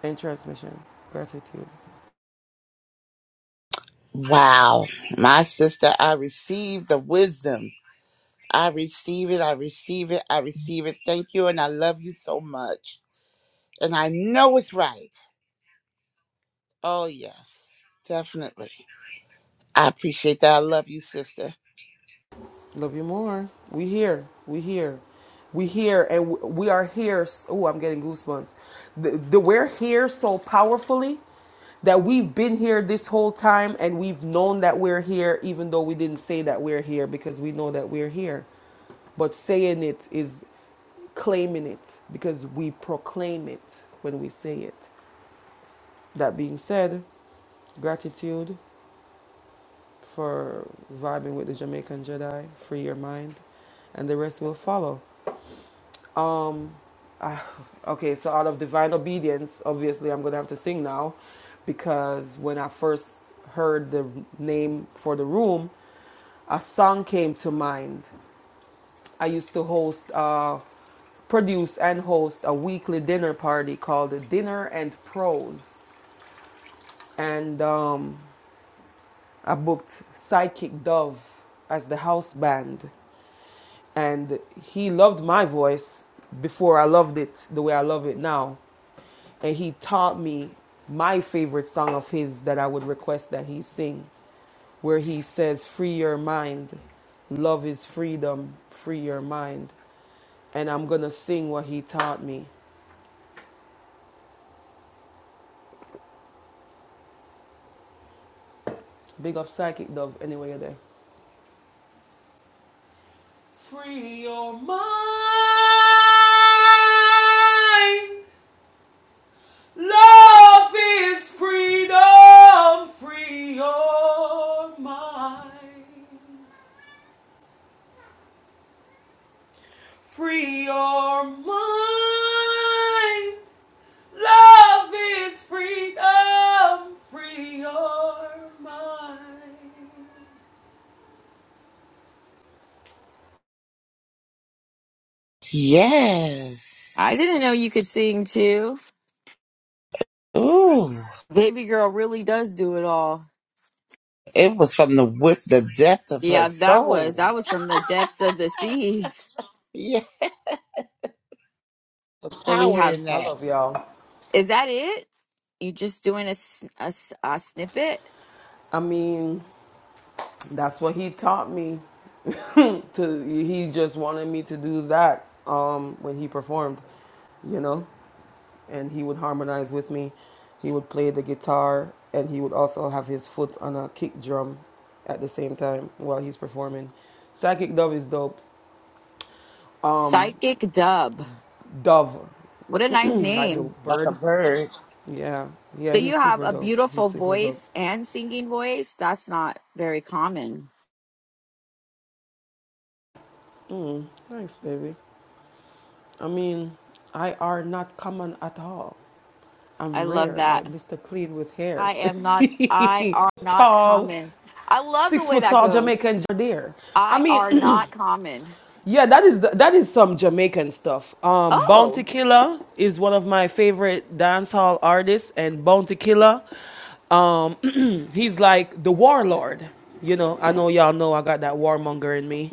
A: in transmission. Gratitude.
D: Wow. My sister, I receive the wisdom. I receive it. I receive it. I receive it. Thank you. And I love you so much. And I know it's right. Oh, yes. Definitely. I appreciate that. I love you, sister.
A: Love you more. We here. We here. We here, and we are here. Oh, I'm getting goosebumps. The, the we're here so powerfully that we've been here this whole time, and we've known that we're here, even though we didn't say that we're here because we know that we're here. But saying it is claiming it because we proclaim it when we say it. That being said, gratitude for vibing with the Jamaican Jedi, free your mind, and the rest will follow. Um, ah, okay, so out of divine obedience, obviously I'm gonna have to sing now, because when I first heard the name for the room, a song came to mind. I used to host, uh, produce and host a weekly dinner party called the Dinner and Prose," and um, I booked Psychic Dove as the house band. and he loved my voice before I loved it the way I love it now. And he taught me my favorite song of his that I would request that he sing, where he says, Free your mind. Love is freedom. Free your mind. And I'm going to sing what he taught me. Big up Psychic Dove, anyway, you're there. Free your mind. Love is freedom. Free your mind. Free your mind. Love is freedom. Free your mind.
D: Yes.
E: I didn't know you could sing too.
D: Ooh.
E: Baby girl really does do it all.
D: It was from the width, the depth of her
E: Yeah, that was
D: soul.
E: that was from the depths of the seas.
D: Yeah. The
E: So we
D: power
E: have.
D: in
A: I
D: that.
A: love y'all.
E: Is that it? You just doing a, s- a s- a snippet?
A: I mean, that's what he taught me. to he just wanted me to do that um when he performed, you know. and he would harmonize with me. He would play the guitar and he would also have his foot on a kick drum at the same time while he's performing. Psychic Dove is dope. Um,
E: Psychic dub.
A: Dove,
E: What a nice
A: like the
E: name.
D: Like a
A: bird.
D: bird.
A: Yeah, yeah,
E: So
A: he's
E: you have
A: super
E: a
A: dope. He's
E: beautiful
A: super dope.
E: voice and singing voice. That's not very common.
A: Mm, thanks, baby. I mean, I are not common at all.
E: I
A: I'm
E: love
A: rare, like
E: that.
A: Mr. Clean with hair.
E: I am not. I are not
A: tall,
E: common. I love the
A: six
E: way
A: foot
E: that
A: tall
E: goes.
A: Jamaican deer. I
E: I
A: mean,
E: are not common.
A: Yeah, that is that is some Jamaican stuff. Um, Bounty
E: Oh.
A: Killer is one of my favorite dancehall artists, and Bounty Killer, um, he's like the warlord. You know, I know y'all know I got that warmonger in me.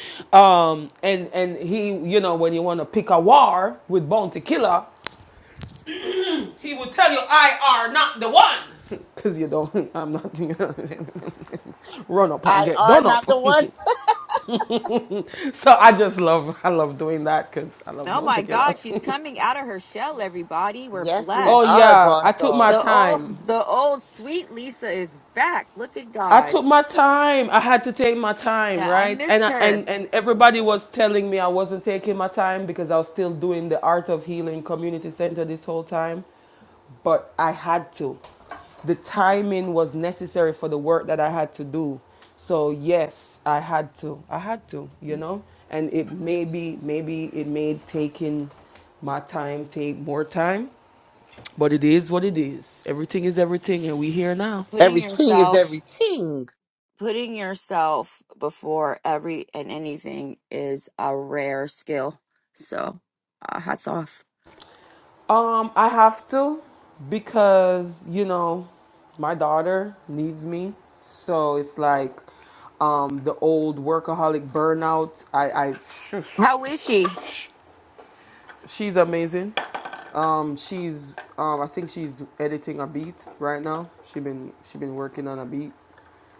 A: um, and and he, you know, when you want to pick a war with Bounty Killer, he will tell you, "I are not the one." Cause you don't, I'm not You know, run up and
D: I
A: get
D: are
A: done up.
D: not the one.
A: so I just love, I love doing that because I love
E: Oh my
A: Bounty Killer.
E: God, she's coming out of her shell, everybody. We're
D: Yes, we
A: Oh
D: are,
E: blessed.
A: yeah, I
D: boss
A: took my
D: doll.
E: The old
A: time.
E: the old sweet Lisa is back. Look at
A: I
E: God.
A: took my time. I had to take my time,
E: Yeah, I
A: right? And
E: missed
A: I,
E: her.
A: and and everybody was telling me I wasn't taking my time because I was still doing the Art of Healing Community Center this whole time, but I had to. The timing was necessary for the work that I had to do. So yes, I had to. I had to, you know? And it maybe maybe it made taking my time take more time, but it is what it is. Everything is everything and we here now.
E: Putting
D: Everything is
E: yourself
D: everything.
E: putting yourself before every and anything is a rare skill. So uh, hats off.
A: Um, I have to because, you know, my daughter needs me. So it's like um the old workaholic burnout. I I phew,
E: How is she?
A: she's amazing. Um she's um I think she's editing a beat right now. She been she been working on a beat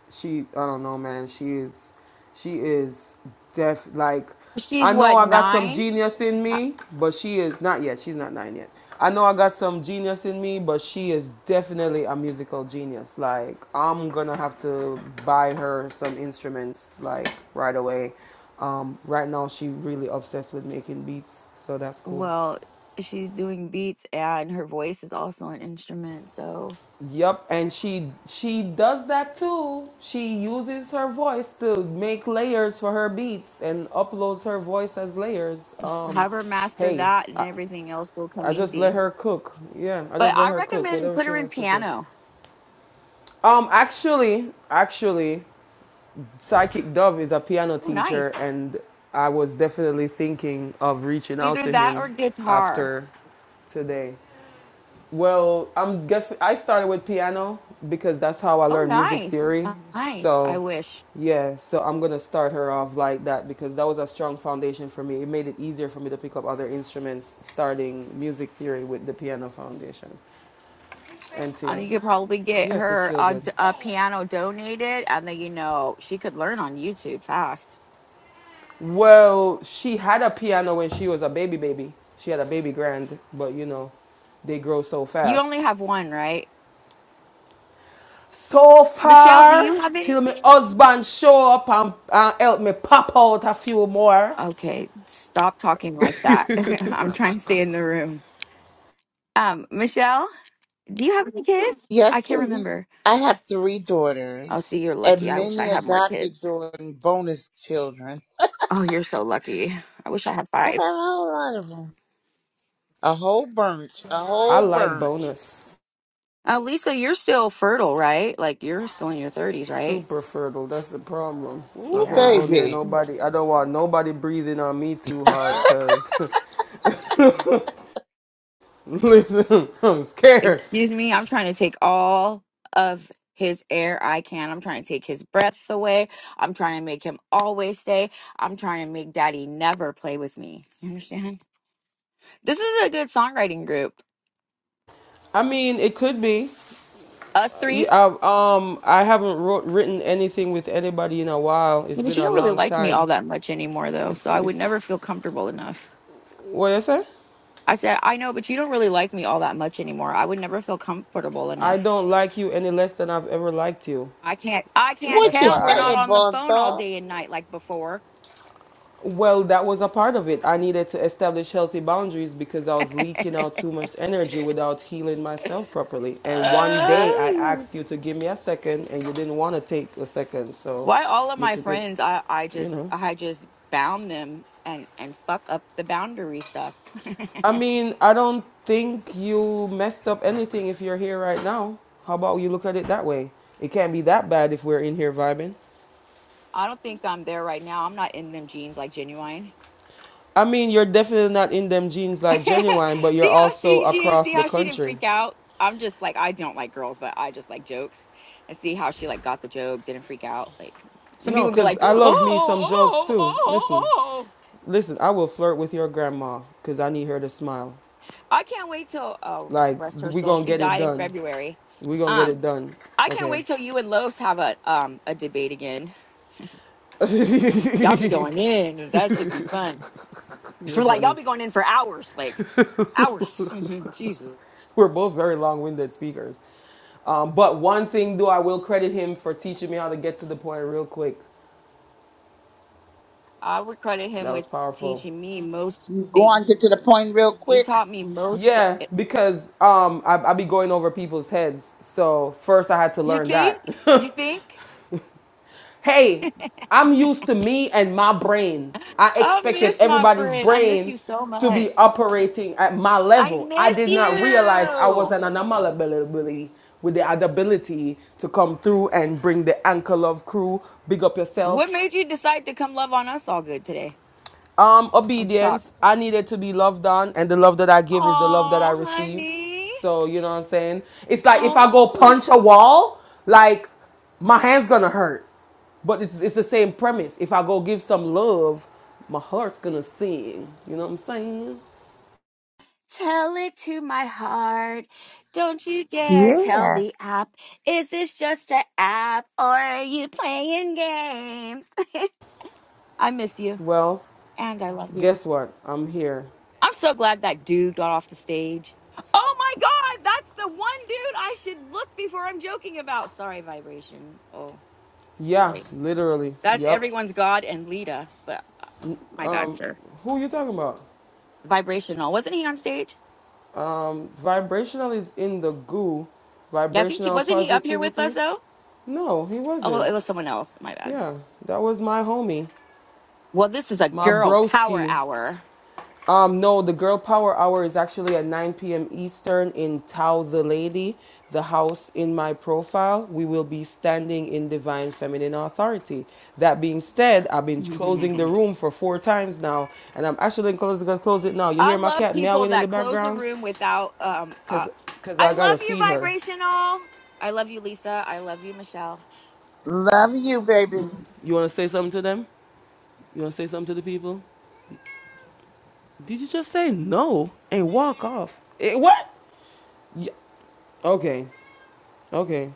A: she I don't know, man. She is she is deaf like
E: She's
A: I know
E: what,
A: I got some
E: nine?
A: genius in
E: Uh,
A: me, but she is not yet. She's not nine yet. I know I got some genius in me, but she is definitely a musical genius. Like I'm gonna have to buy her some instruments like right away. Um, right now she really obsessed with making beats, so that's cool.
E: Well, she's doing beats and her voice is also an instrument, so
A: Yep, and she she does that too. She uses her voice to make layers for her beats and uploads her voice as layers.
E: Just
A: Um,
E: have her master
A: hey,
E: that, and
A: I,
E: everything else will
A: I
E: come
A: just let
E: easy.
A: her cook. Yeah, I
E: But
A: just let
E: I
A: her cook
E: recommend
A: whatever
E: put
A: she
E: her in
A: wants to do.
E: piano.
A: Um, actually, actually, Psychic Dove is a piano
E: Oh,
A: teacher,
E: nice.
A: and I was definitely thinking of reaching out
E: Either
A: to
E: that
A: him
E: or guitar.
A: after today. Well, I'm guess I started with piano because that's how I
E: Oh,
A: learned music
E: nice,
A: theory.
E: nice. I
A: So,
E: wish.
A: yeah, so I'm going to start her off like that because that was a strong foundation for me. It made it easier for me to pick up other instruments starting music theory with the piano foundation.
E: Uh, you could probably get
A: Yes, it's
E: her
A: still
E: a,
A: good.
E: d- a piano donated, and then you know she could learn on YouTube fast.
A: Well, she had a piano when she was a baby baby. She had a baby grand, but you know, they grow so
E: You only
A: fast.
E: have one, right?
A: So
E: Michelle, do
A: far,
E: you have any?
A: till my husband show up and, and help me pop out a few more.
E: Okay, stop talking like that. I'm trying to stay in the room. Um, Michelle, do you have any kids? I
D: Yes,
E: can't
D: sweetie.
E: remember.
D: I have three
E: Oh, see,
D: daughters
E: you're lucky.
D: and
E: I wish I
D: many
E: had more
D: adopted
E: kids.
D: daughters and bonus children.
E: Oh, you're so lucky. I wish I had
D: I have a
E: five.
D: whole lot of them. A whole bunch. A
A: I
D: whole
A: like
D: bunch.
A: bonus.
E: Uh, Lisa, you're still fertile, right? Like you're still in your 30s, right?
A: Super fertile. That's the problem. I
D: Ooh,
A: can't
E: Yeah.
A: go near
D: baby.
A: nobody. I don't want nobody breathing on me too hard because, listen, I'm scared.
E: Excuse me. I'm trying to take all of his air I can. I'm trying to take his breath away. I'm trying to make him always stay. I'm trying to make daddy never play with me. You understand? This is a good songwriting group.
A: I mean, it could be.
E: Us
A: You,
E: three.
A: I, um, I haven't wrote, written anything with anybody in a while. It's
E: But
A: been
E: you
A: a
E: don't really
A: long
E: like me all
A: time.
E: that much anymore, though.
A: It's,
E: So I would
A: it's
E: never feel comfortable enough.
A: what you say?
E: I said, I know, but you don't really like me all that much anymore. I would never feel comfortable
A: I
E: enough.
A: don't like you any less than I've ever liked you.
E: I can't I can't
D: What you
E: tell we're
A: FYI.
E: not
D: saying,
E: on the
D: boss
E: phone all
D: doll?
E: day and night like before.
A: Well, that was a part of it. I needed to establish healthy boundaries because I was leaking out too much energy without healing myself properly. And one day I
E: Ugh.
A: asked you to give me a second and you didn't want to take a second. So
E: why all of
A: you
E: my
A: took it,
E: friends I, I
A: you
E: just
A: know.
E: I just bound them and and fuck up the boundary stuff.
A: I mean, I don't think you messed up anything if you're here right now. How about you look at it that way? It can't be that bad if we're in here vibing.
E: I don't think I'm there right now. I'm not in them jeans like genuine.
A: I mean, you're definitely not in them jeans like genuine, but you're
E: see how
A: also
E: she she is.
A: across
E: See
A: the
E: how she didn't
A: country.
E: freak out. I'm just like I don't like girls, but I just like jokes, and see how she like got the joke, didn't freak out. Like some
A: No,
E: people be
A: because
E: like,
A: I
E: oh,
A: love me some jokes
E: oh, oh,
A: too.
E: oh.
A: Listen,
E: oh."
A: listen, I will flirt with your grandma because I need her to smile.
E: I can't wait till oh,
A: Like,
E: rest her
A: we
E: soul.
A: going to
E: She
A: get it
E: died in
A: done.
E: February.
A: we going to get it
E: Um,
A: done.
E: I can't
A: Okay.
E: wait till you and Lowe's have a um a debate again. Y'all be going in. That should be fun.
A: You're
E: For like y'all
A: funny.
E: be going in for hours, like hours. Jesus.
A: We're both very long winded speakers. Um, but one thing, though, I will credit him for teaching me how to get to the point real quick.
E: I would credit him
A: That was
E: with
A: powerful.
E: teaching me most
D: You
E: things.
D: going to get to the point real
E: He
D: quick?
E: taught me most.
A: Yeah,
E: eh,
A: because um, I, I be going over people's heads. So first I had to
E: You
A: learn
E: think?
A: that.
E: You think?
A: hey, I'm used to me and my brain. I
E: I
A: expected
E: miss my
A: everybody's
E: friend. I miss
A: brain
E: you so
A: to
E: much.
A: be operating at my
E: I
A: level. I
E: miss
A: did not realize I was
E: you.
A: an anomaly with the ability to come through and bring the anchor love crew. Big up
E: What
A: yourself.
E: made you decide to come love on us all good today?
A: Um,
E: I'm shocked.
A: obedience. I needed to be loved on, and the love that I give is the love that I
E: Oh,
A: receive.
E: honey.
A: So you know what I'm saying? It's like if I go
E: Oh,
A: punch a wall, like my hand's gonna hurt, but it's it's the same premise. If I go give some love, my heart's gonna sing. You know what I'm saying?
E: tell it to my heart. Don't you dare tell
D: Yeah.
E: the app. Is this just an app or are you playing games? I miss you
A: Well,
E: and I love you.
A: guess what? I'm here.
E: I'm so glad that dude got off the stage. Oh my god, that's the one dude I should look before I'm joking about. Sorry, vibration. Oh,
A: Yeah,
E: sorry.
A: literally.
E: That's
A: Yep.
E: everyone's god and Lita, but uh, my bad, sir.
A: Who you talking about?
E: Vibrational. Wasn't he on stage?
A: Vibrational is in the goo.
E: Yeah, I think he
A: Vibrational
E: wasn't he up here with us
A: positivity?
E: though?
A: No, he
E: Oh, it was
A: wasn't.
E: someone else. My bad.
A: Yeah, that was my homie,
E: Well, this is a
A: my
E: girl power
A: broski.
E: hour.
A: Um, no, the girl power hour is actually at 9 p.m. Eastern in Tao the Lady, the house in my profile. We will be standing in divine feminine authority. That being said, I've been closing the room for four times now, and I'm actually closing gonna close it now. You
E: I
A: hear my
E: love
A: cat
E: people
A: meowing in
E: that
A: the
E: close the
A: background?
E: room without um uh,
A: Cause, Cause
E: I
A: I gotta
E: love you
A: feed her.
E: vibrational. I love you Lisa. I love you Michelle.
D: Love you, baby.
A: You wanna say something to them? You wanna say something to the people? Did you just say no and walk off? Eh, what? Okay. Okay.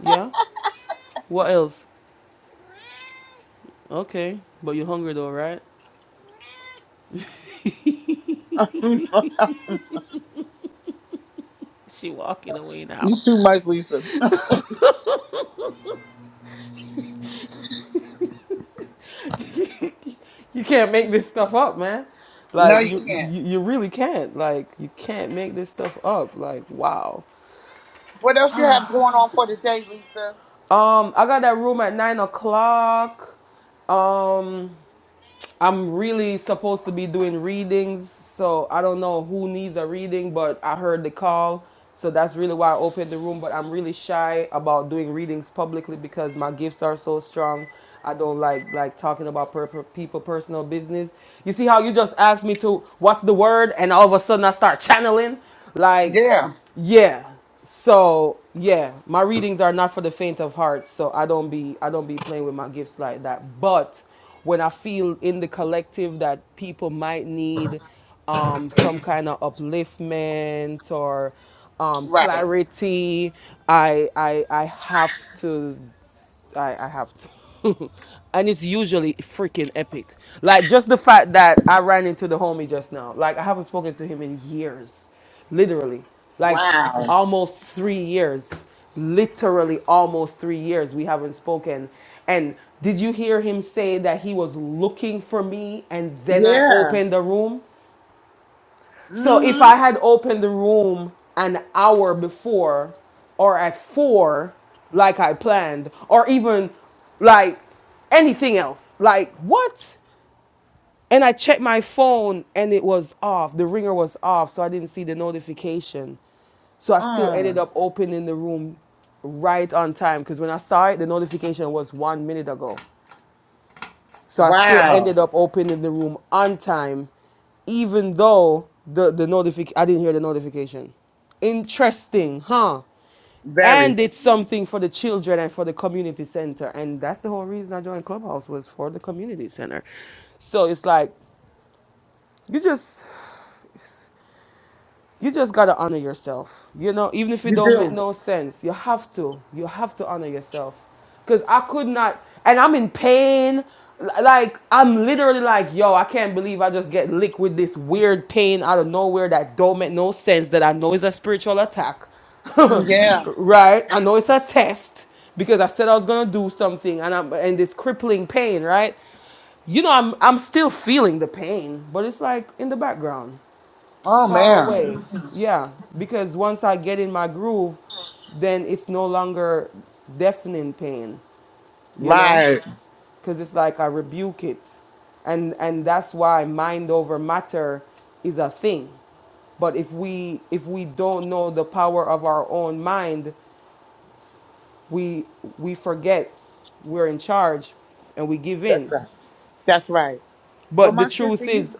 A: Yeah. What else? Okay. But you're hungry though, right?
D: you
A: Ow.
D: too much, Lisa.
A: You can't make this stuff up, man. Like
D: No, you
A: you,
D: can't.
A: you you really can't. Like you can't make this stuff up. Like wow.
D: What else you have going on for the day, Lisa?
A: Um, I got that room at nine o'clock. Um, I'm really supposed to be doing readings, so I don't know who needs a reading, but I heard the call, so that's really why I opened the room. But I'm really shy about doing readings publicly because my gifts are so strong. I don't like like talking about per- per- people personal business. You see how you just asked me to what's the word, and all of a sudden I start channeling, like.
D: Yeah.
A: Yeah. So yeah, my readings are not for the faint of heart. So I don't be I don't be playing with my gifts like that. But when I feel in the collective that people might need um, some kind of upliftment or um,
D: Right.
A: clarity, I, I I have to I, I have to. and it's usually freaking epic. Like just the fact that I ran into the homie just now. Like I haven't spoken to him in years. Literally. Like
D: Wow.
A: almost three years. Literally almost three years we haven't spoken. And did you hear him say that he was looking for me and then I
D: Yeah.
A: opened the room? So if
D: Mm-hmm.
A: I had opened the room an hour before or at four, like I planned, or even like anything else, like what? And I checked my phone and it was off. The ringer was off, so I didn't see the notification. So I still ended
D: Mm.
A: up opening the room right on time because when I saw it, the notification was one minute ago. So I still
D: Wow.
A: ended up opening the room on time, even though the, the notific I didn't hear the notification. Interesting, huh? And
D: Very.
A: did something for the children and for the community center. And that's the whole reason I joined Clubhouse was for the community center. So it's like you just you just gotta honor yourself. You know, even if it
D: You
A: don't make
D: do.
A: no sense, you have to. You have to honor yourself. Cause I could not, and I'm in pain. L- Like I'm literally like, yo, I can't believe I just get licked with this weird pain out of nowhere that don't make no sense. That I know is a spiritual attack,
D: Mm, Yeah.
A: right? I know it's a test because I said I was gonna do something, and I'm and this crippling pain, right? You know, I'm I'm still feeling the pain, but it's like in the background
D: Oh
A: far away
D: man.
A: yeah because once i get in my groove then it's no longer deafening pain you know
D: Right.
A: because it's like i rebuke it and and that's why mind over matter is a thing but if we if we don't know the power of our own mind we we forget we're in charge and we give
D: That's
A: in
D: right. That's right. Well,
A: But the
D: my sister,
A: truth
D: you.
A: is,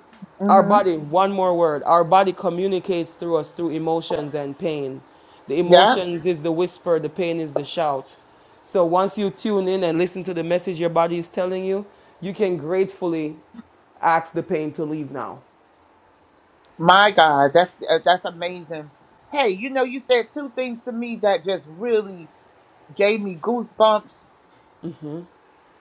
A: our
D: Mm-hmm.
A: body, one more word, our body communicates through us through emotions and pain. The
D: Yeah.
A: emotions is the whisper, the pain is the shout. So once you tune in and listen to the message your body is telling you, you can gratefully ask the pain to leave now.
D: My God, that's uh, that's amazing. Hey, you know, you said two things to me that just really gave me goosebumps.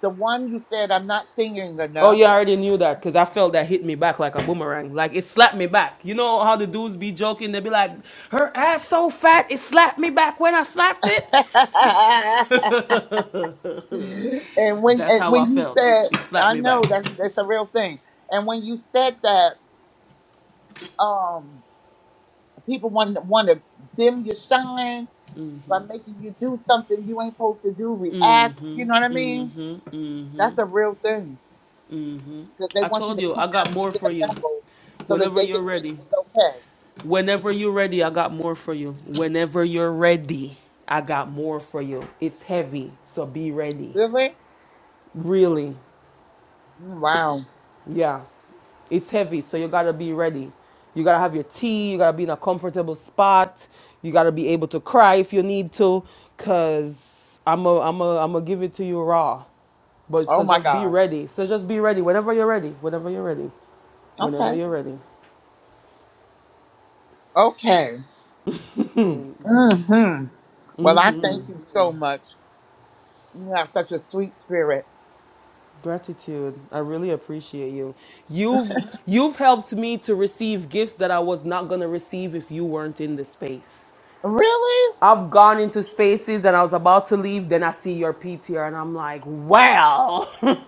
D: The one you said, I'm not singing
A: Oh
D: enough.
A: yeah, I already knew that because I felt that hit me back like a boomerang. Like it slapped me back. You know how the dudes be joking? They be like, "Her ass so fat, it slapped me back when I slapped it."
D: And when
A: That's
D: and
A: how
D: when
A: I
D: you
A: felt.
D: said,
A: It slapped
D: I
A: me
D: know
A: back.
D: that's that's a real thing. And when you said that, um, people want want to dim your shine by making you do something you ain't supposed to do, react. You know what I mean? That's a real thing because they
A: I
D: want you
A: told
D: to
A: you, I
D: come
A: got
D: down to
A: more for
D: their
A: you.
D: level so that
A: Whenever
D: they
A: you're
D: can say it
A: ready.
D: was okay.
A: Whenever you're ready, I got more for you. Whenever you're ready, I got more for you. It's heavy, so be ready.
D: Really?
A: Really.
D: Mm, Wow.
A: Yeah. It's heavy, so you gotta be ready. You gotta have your tea, you gotta be in a comfortable spot, you gotta be able to cry if you need to, cause I'm a, I'm a, I'm gonna give it to you raw. But
D: Oh
A: so
D: my
A: just be
D: God.
A: ready. So just be ready whenever you're ready. Whenever you're ready. Whenever
D: Okay.
A: you're ready.
D: Okay. Mm-hmm. Well, I thank you so much. You have such a sweet spirit.
A: Gratitude. I really appreciate you. You've you've helped me to receive gifts that I was not going to receive if you weren't in the space.
D: Really?
A: I've gone into spaces and I was about to leave, then I see your PTR and I'm like, "Well,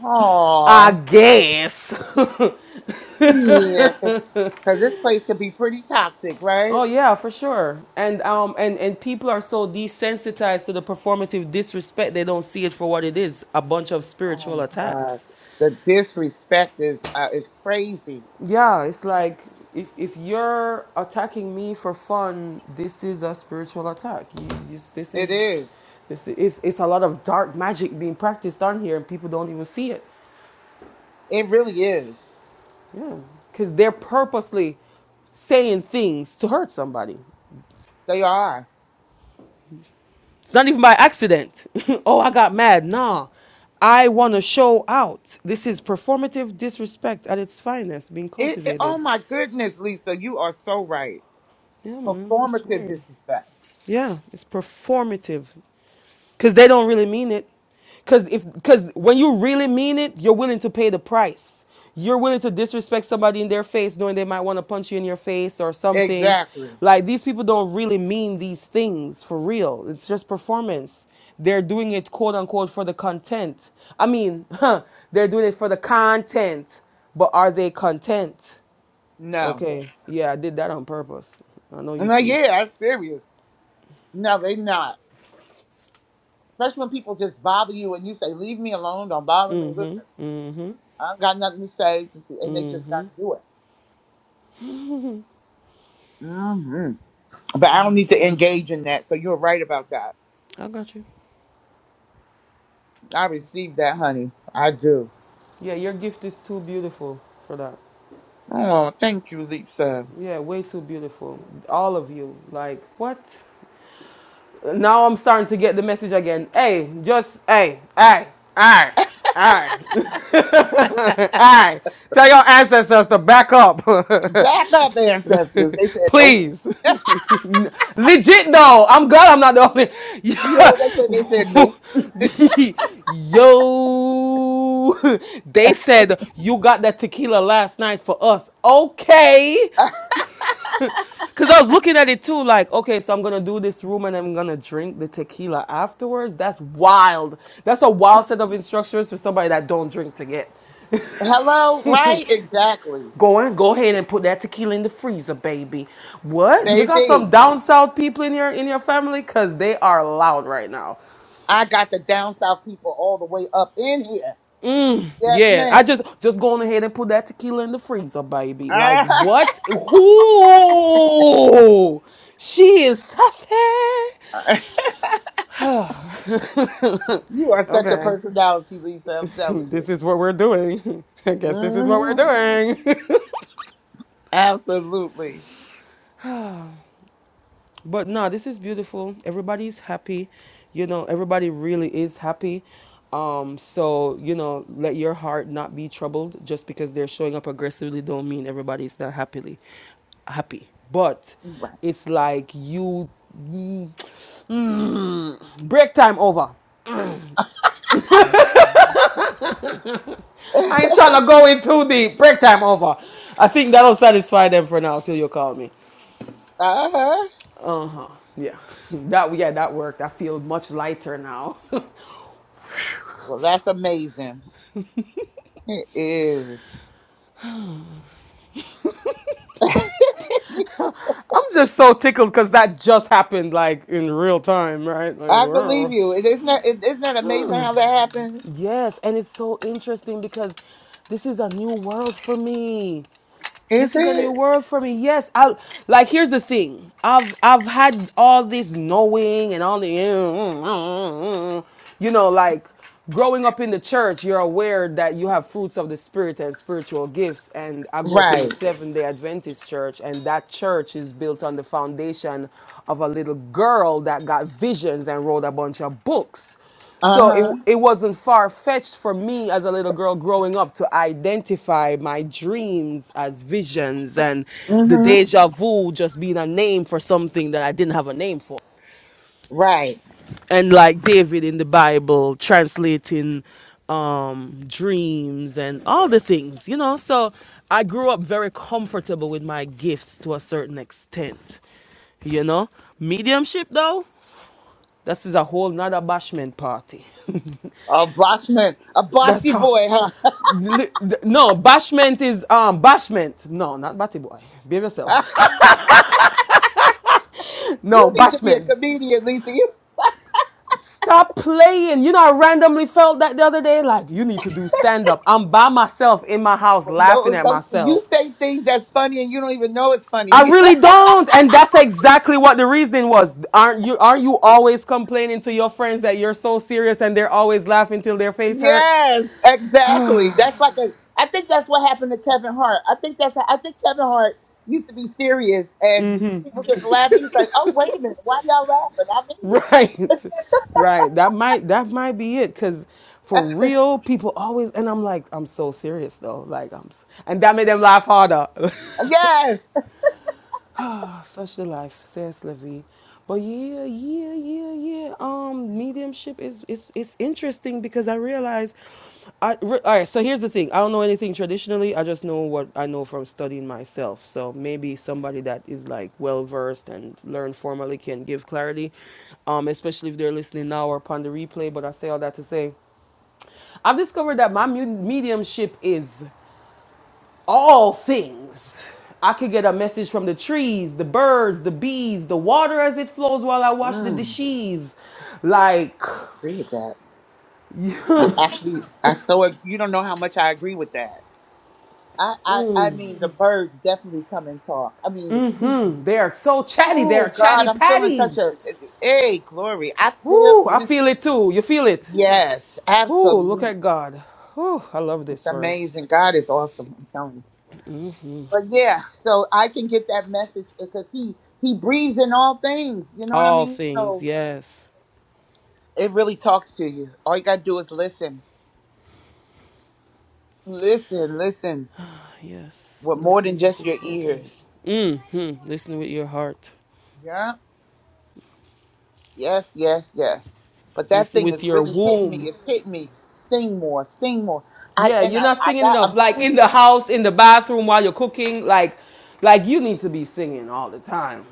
A: I
D: Aw.
A: guess."
D: Yeah, because this place could be pretty toxic, right?
A: oh yeah, for sure. And um and and people are so desensitized to the performative disrespect, they don't see it for what it is, a bunch of
D: Oh
A: spiritual
D: my God.
A: attacks.
D: The disrespect is uh, is crazy.
A: Yeah, it's like if if you're attacking me for fun, this is a spiritual attack. You, you, this is
D: It is.
A: this is it's a lot of dark magic being practiced on here, and people don't even see it.
D: It really is.
A: Yeah, because they're purposely saying things to hurt somebody.
D: They are.
A: It's not even by accident. oh, I got mad. Nah, I want to show out. This is performative disrespect at its finest being
D: It, it-
A: cultivated.
D: oh my goodness, Lisa, you are so right.
A: Yeah, man, it's
D: Performative
A: weird.
D: disrespect.
A: Yeah, it's performative. Cause they don't really mean it. Cause if cause when you really mean it, you're willing to pay the price. You're willing to disrespect somebody in their face, knowing they might want to punch you in your face or something.
D: Exactly.
A: Like these people don't really mean these things for real. It's just performance. They're doing it quote unquote for the content. I mean, huh, they're doing it for the content. But are they content?
D: No.
A: Okay. Yeah, I did that on purpose. I know you
D: I'm like,
A: see.
D: yeah, that's serious. No, they not. Especially when people just bother you and you say, leave me alone, don't bother me. Listen, I don't got nothing to say. Just- And they just got to do it. Hmm. But I don't need to engage in that. So you're right about that.
A: I got you.
D: I received that, honey. I do.
A: Yeah, your gift is too beautiful for that.
D: Oh, thank you, Lisa.
A: Yeah, way too beautiful. All of you. Like, what? Now I'm starting to get the message again. Hey, just, hey, hey, hey, hey, hey. Tell your ancestors to back up.
D: Back up, ancestors. They said nope.
A: Please. Legit though. I'm glad I'm not the
D: You know what they said? They said
A: only.
D: nope.
A: Yeah. Yo. They said you got that tequila last night for us. Okay. Cause I was looking at it too, like, okay, so I'm gonna do this room and I'm gonna drink the tequila afterwards. That's wild. That's a wild set of instructions for somebody that don't drink to get.
D: Hello, right? Exactly.
A: Go and go ahead and put that tequila in the freezer, baby. What? You got some
D: Baby,
A: down south people in your in your family? Cause they are loud right now.
D: I got the down south people all the way up in here. Yes,
A: Yeah, I
D: ma'am.
A: just just go on ahead and put that tequila in the freezer, baby. Like what? Who? She is sassy.
D: you are such a
A: okay.
D: personality, Lisa. I'm telling you.
A: this is what we're doing. I guess this is what we're
D: hmm
A: doing.
D: Absolutely.
A: but no, this is beautiful. Everybody's happy. You know, everybody really is happy. Um, so you know, let your heart not be troubled. Just because they're showing up aggressively don't mean everybody's not happily happy. But
D: Right.
A: it's like you mm, mm, break time over. I ain't trying to go in too deep. Break time over. I think that'll satisfy them for now till you call me.
D: Uh huh.
A: Uh huh. Yeah. That yeah, that worked. I feel much lighter now. I'm
D: Well, that's amazing. It is.
A: just so tickled because that just happened like in real time, right? Like,
D: I believe
A: wow.
D: you. It- Isn't that it- isn't that amazing how that happens?
A: yes, and it's so interesting because this is a new world for me. This
D: Is
A: is a new
D: it
A: world for me. Yes, I like. Here's the thing. I've I've had all this knowing and all the, you know, like growing up in the church. You're aware that you have fruits of the spirit and spiritual gifts. And I grew up in the
D: right?
A: Seventh Day Adventist church, and that church is built on the foundation of a little girl that got visions and wrote a bunch of books.
D: Uh
A: So
D: huh.
A: it, it wasn't far fetched for me as a little girl growing up to identify my dreams as visions and the
D: Mhm.
A: deja vu just being a name for something that I didn't have a name for.
D: Right.
A: And like David in the Bible translating um, dreams and all the things, you know. So I grew up very comfortable with my gifts to a certain extent, you know. Mediumship though, this is a whole nother bashment party.
D: A boss a
A: That's
D: bossy
A: how.
D: boy, huh?
A: No, bashment is um bashment. No, not batty boy. Behave yourself. no,
D: you need to be a
A: bashment.
D: comedian, Lisa. You
A: Stop playing. You know, I randomly felt that the other day. Like, you need to do stand up. I'm by myself in my house
D: know
A: laughing at
D: something. You
A: myself.
D: say things that's funny, and you don't even know it's
A: I
D: funny.
A: really don't. And that's exactly what the reasoning was. Aren't you aren't you always complaining to your friends that you're so serious and they're always laughing till their face hurt?
D: yes, exactly. That's like a. I think that's what happened to Kevin Hart. I think that's. I think Kevin Hart used to be serious, and people just laughing. He's like, "Oh, wait a minute, why y'all laughing? I mean this."
A: Right. Right. That might that might be it cuz for real people always and I'm like I'm so serious though. Like I'm s- and that made them laugh harder.
D: Yes.
A: Such the life, says Levy. But yeah, yeah, yeah, yeah. Um, mediumship is it's it's interesting because I realize, I re, all right. So here's the thing. I don't know anything traditionally. I just know what I know from studying myself. So maybe somebody that is like well versed and learned formally can give clarity, um, especially if they're listening now or upon the replay. But I say all that to say, I've discovered that my mediumship is all things. I could get a message from the trees, the birds, the bees, the water as it flows while I watch the
D: Mm.
A: dishes. Like,
D: agree with that. I actually, I so ag- you don't know how much I agree with that. I, I, I mean, the birds definitely come and talk. I mean, the
A: hmm,
D: trees.
A: they are so chatty. They
D: Oh
A: are
D: God,
A: chatty
D: I'm feeling such
A: patties.
D: a hey glory. I feel.
A: Woo, I feel
D: Listen,
A: it too. You feel it?
D: yes,
A: Ooh, look
D: absolutely.
A: at God. Ooh, I love
D: It's
A: this for us.
D: amazing. God is awesome. I'm telling you. But yeah, so I can get that message because he he breathes in all things. You know what I
A: All
D: mean?
A: things,
D: So
A: yes.
D: it really talks to you. All you gotta do is listen, listen, listen
A: Yes,
D: with more than
A: listening is
D: just your
A: important.
D: ears.
A: Mm-hmm. Listen with your heart.
D: Yeah. Yes, yes, yes. But that
A: Listen
D: thing
A: with
D: is
A: your
D: really hitting me.
A: womb.
D: It's hitting me. Sing more, sing more. I
A: Yeah,
D: and
A: you're
D: I,
A: not
D: I
A: singing
D: got
A: enough. Like
D: I'm
A: in the house, in the bathroom while you're cooking, like like you need to be singing all the time.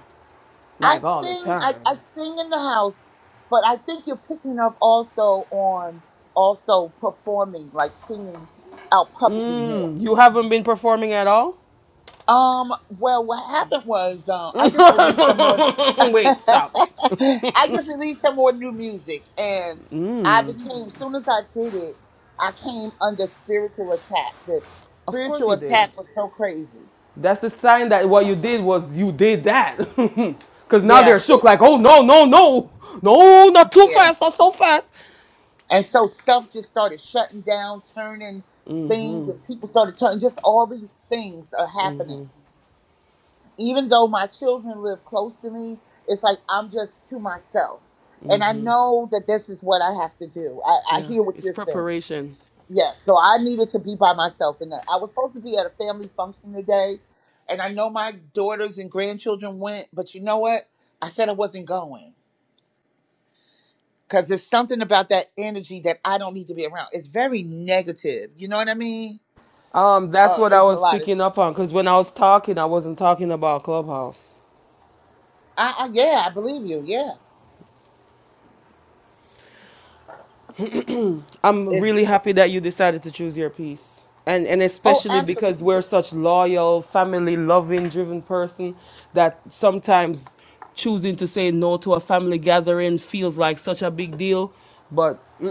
D: I
A: Like all the
D: sing I,
A: time.
D: I sing in the house, but I think you're picking up also on also performing, like singing out publicly more.
A: You haven't been performing at all?
D: Um, well, what happened was uh, I just released some more.
A: Wait, stop.
D: I just released some more new music, and I became. Soon as I did it, I came under spiritual attack. The
A: Of course
D: spiritual
A: you did.
D: attack was so crazy.
A: That's the sign that what you did was you did that. Cause now
D: Yeah,
A: they're shook,
D: it,
A: like, oh no, no, no. No, not too
D: yeah.
A: fast, not so fast.
D: And so stuff just started shutting down, turning things, and people started turning. Just all these things are happening. even though my children live close to me, it's like I'm just to myself. And I know that this is what I have to do. I, I
A: Yeah,
D: hear what
A: it's
D: you're saying.
A: preparation.
D: Yes, so I needed to be by myself. And I was supposed to be at a family function today. And I know my daughters and grandchildren went, but you know what? I said I wasn't going because there's something about that energy that I don't need to be around. It's very negative. You know what I mean?
A: Um, that's
D: Uh,
A: what I
D: it's a
A: was
D: lot of,
A: picking up on, because when I was talking, I wasn't talking about Clubhouse.
D: I, I, yeah, I believe you. Yeah.
A: I'm
D: It's,
A: really happy that you decided to choose your piece. And and
D: oh,
A: especially
D: absolutely.
A: because we're such loyal, family loving, driven person that sometimes choosing to say no to a family gathering feels like such a big deal, but mm,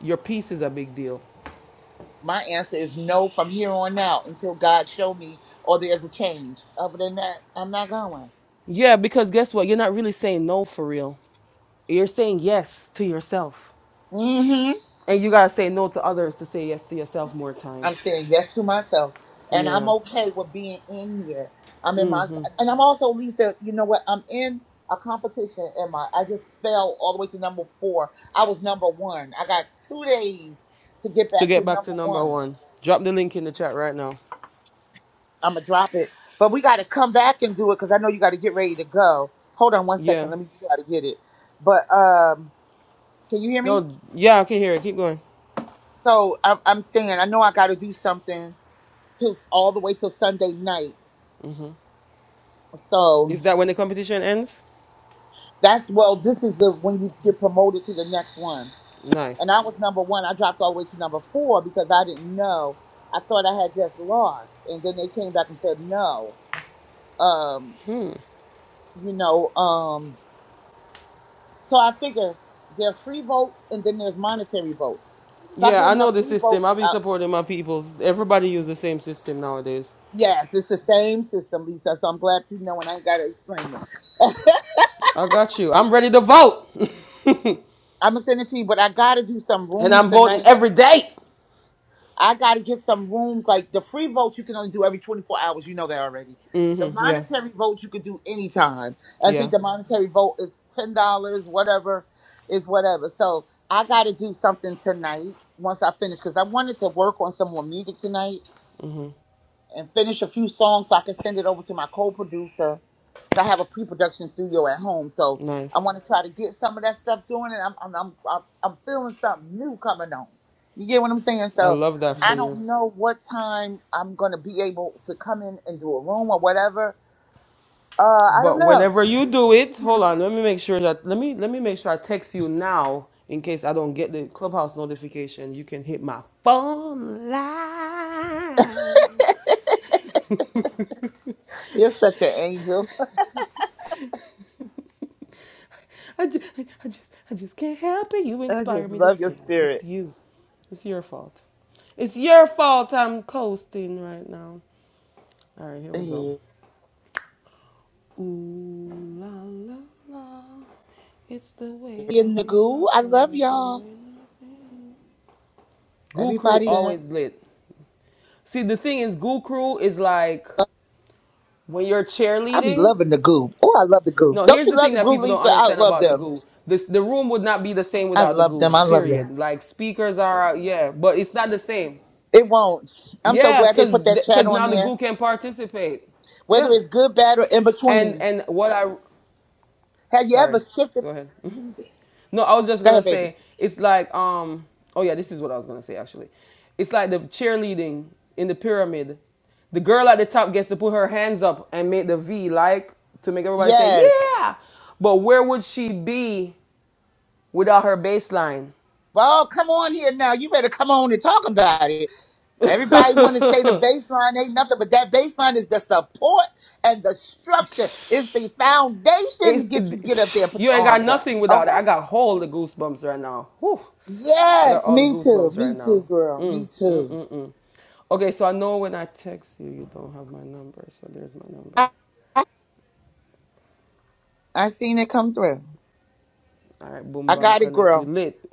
A: your piece is a big deal.
D: My answer is no from here on out until God show me or there's a change. Other than that, I'm not going.
A: Yeah, because guess what? You're not really saying no for real. You're saying yes to yourself.
D: hmm
A: And you gotta say no to others to say yes to yourself more time.
D: I'm saying yes to myself, and I'm
A: Yeah.
D: okay with being in here. I'm in my, and I'm also Lisa. You know what? I'm in a competition. and my? I just fell all the way to number four. I was number one. I got two days to get
A: To
D: back
A: get
D: to
A: back to
D: number
A: number
D: one.
A: one, drop the link in the chat right now.
D: I'm gonna drop it, but we got to come back and do it because I know you got to get ready to go. Hold on one second.
A: Yeah.
D: Let me try to get it. But um Can you hear me?
A: No, yeah, I can hear it. Keep going.
D: So I'm, I'm saying I know I got to do something till all the way till Sunday night. So
A: Is that when the competition ends?
D: that's well. This is the when you get promoted to the next one. And
A: Nice.
D: I was number one. I dropped all the way to number four because I didn't know. I thought I had just lost, and then they came back and said no. Um, you know. Um, so I figure there's free votes and then there's monetary votes. If I
A: Yeah,
D: get
A: I know
D: enough
A: the
D: free
A: system. I'll
D: votes,
A: be
D: uh,
A: supporting my people. Everybody use the same system nowadays.
D: yes, it's the same system, Lisa. So I'm glad you know, and I ain't got to explain it.
A: I got you. I'm ready to vote,
D: I'm gonna send it to you, but I gotta do some
A: and
D: rooms
A: I'm voting
D: tonight.
A: every day.
D: I gotta get some rooms. Like the free vote, you can only do every 24 hours. You know that already. The
A: Mm-hmm. Yeah,
D: monetary vote, you can do anytime. I think
A: yeah.
D: the monetary vote is ten dollars, whatever, is whatever. So I gotta do something tonight once I finish because I wanted to work on some more music tonight and finish a few songs so I can send it over to my co-producer. 'Cause I have a pre-production studio at home, so I
A: Nice.
D: want to try to get some of that stuff doing, and I'm I'm I'm I'm I'm feeling something new coming on. You get what I'm saying?
A: I
D: So
A: love that for
D: I
A: you.
D: don't know what time I'm gonna be able to come in and do a room or whatever. Uh, I don't
A: But
D: know.
A: whenever you do it, hold on. Let me make sure that let me let me make sure I text you now in case I don't get the clubhouse notification. You can hit my phone line.
D: You're such an angel.
A: I just, I just, I just can't help it. You
D: I
A: inspire
D: just
A: me to
D: love your
A: sing. It's
D: spirit.
A: you. It's your fault. It's your fault I'm coasting right now. All right, here we go.
D: Yeah.
A: Ooh la la la. It's the way
D: In
A: that
D: the
A: we
D: goo, I
A: rock when
D: love
A: we're
D: y'all.
A: doing our Goo Crew
D: Everybody, in it.
A: always lit. See, the thing is, Goo Crew is like when you're
D: I be
A: cheerleading.
D: loving the goo. Oh, I love the goo.
A: No,
D: Don't
A: here's
D: you
A: the
D: love
A: thing
D: the
A: that
D: goo,
A: people don't
D: Lisa? I
A: understand
D: love
A: about the
D: them.
A: goo. This the room would not be the same
D: I
A: without the
D: love
A: goo.
D: them. I love you.
A: Period. Like speakers are out, yeah, but it's not the same.
D: It won't. I'm so
A: Yeah,
D: glad they
A: cause
D: put that
A: th-
D: chat
A: cause
D: on
A: now the
D: there.
A: goo can participate.
D: Whether
A: Yeah,
D: it's good, bad, or in
A: and
D: between.
A: and what I,
D: Have you
A: sorry,
D: ever shifted?
A: go ahead. no, I was just
D: Go
A: gonna
D: ahead, baby.
A: say it's like um oh yeah, this is what I was gonna say actually. It's like the cheerleading in the pyramid. The girl at the top gets to put her hands up and make the V like to make everybody say
D: Yes.
A: yeah. But where would she be without her bass line.
D: Well, come on here now. You better come on and talk about it. Everybody want to say the baseline ain't nothing, but that baseline is the support and the structure. It's the foundation to
A: It's,
D: get you to get up
A: it,
D: there and put
A: you
D: your
A: ain't got
D: arms up.
A: nothing without it. I
D: Okay?
A: got all the goosebumps right now. Whew. I got
D: Yes,
A: all the
D: me too.
A: goosebumps right
D: Me
A: now.
D: too, girl.
A: Mm,
D: Me
A: mm,
D: too.
A: mm, mm. Okay, so I know when I text you, you don't have my number. So there's my number.
D: I, I seen it come through.
A: All right, boom,
D: I
A: bam,
D: got it,
A: connect. We
D: girl.
A: lit.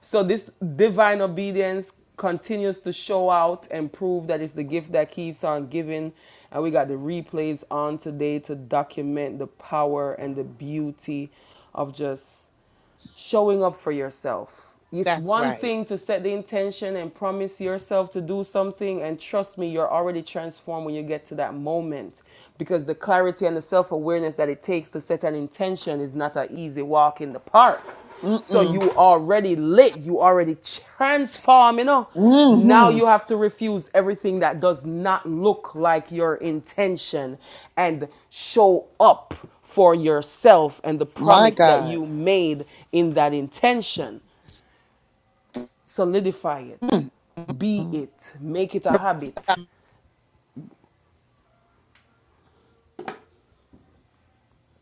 A: So this divine obedience continues to show out and prove that it's the gift that keeps on giving. And we got the replays on today to document the power and the beauty of just showing up for yourself. It's
D: That's
A: one
D: right.
A: thing to set the intention and promise yourself to do something, and trust me, you're already transformed when you get to that moment because the clarity and the self awareness that it takes to set an intention is not an easy walk in the park. So
D: Mm-mm.
A: you already lit, you already transform, you know. Now
D: Mm-hmm.
A: you have to refuse everything that does not look like your intention and show up for yourself and the
D: My
A: promise that
D: God.
A: you made in that intention. Solidify it, be it, make it a habit.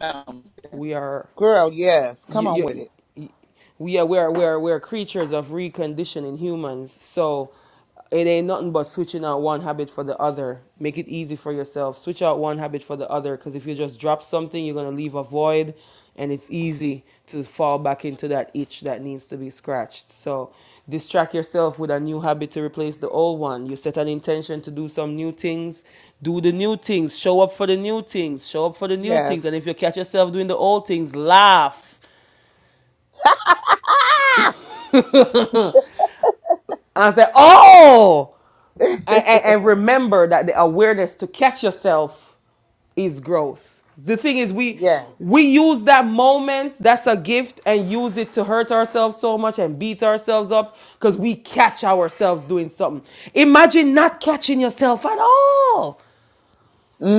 D: Um,
A: We are
D: girl, yes.
A: you,
D: Come on
A: you,
D: with it.
A: you- we are we're we're we're creatures of reconditioning humans so it ain't nothing but switching out one habit for the other make it easy for yourself switch out one habit for the other because if you just drop something you're going to leave a void and it's easy to fall back into that itch that needs to be scratched so distract yourself with a new habit to replace the old one you set an intention to do some new things do the new things show up for the new things show up for the new things and if
D: Yes.
A: you catch yourself doing the old things laugh And I said, oh, and, and, and remember that the awareness to catch yourself is growth. The thing is, we
D: yes.
A: we use that moment that's a gift and use it to hurt ourselves so much and beat ourselves up because we catch ourselves doing something. Imagine not catching yourself at all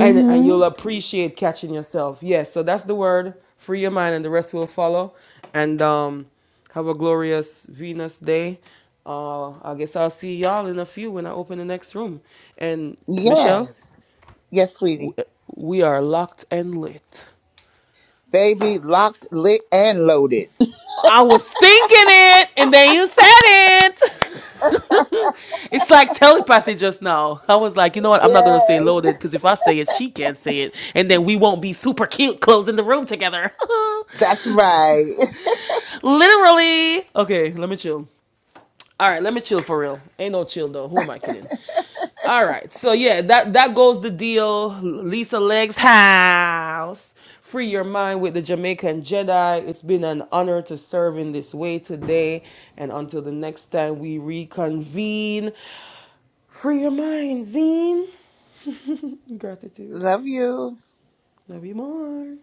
A: and and you'll appreciate catching yourself. Yes, so that's the word. Free your mind, and the rest will follow. And um, have a glorious Venus day. Uh, I guess I'll see y'all in a few when I open the next room. And Michelle,
D: Yes. Yes, sweetie.
A: we are locked and lit.
D: Baby locked, lit, and loaded.
A: I was thinking it, and then you said it. It's like telepathy just now. I was like, you know what? I'm not gonna say
D: yes.
A: loaded because if I say it, she can't say it, and then we won't be super cute closing the room together.
D: That's right.
A: Literally. Okay, let me chill. All right, let me chill for real. Ain't no chill though. Who am I kidding? All right, so yeah, that that goes the deal. Lisa Legs house. Free your mind with the Jamaican Jedi. It's been an honor to serve in this way today, and until the next time we reconvene. Free your mind, Zine. Gratitude.
D: Love you.
A: Love you more.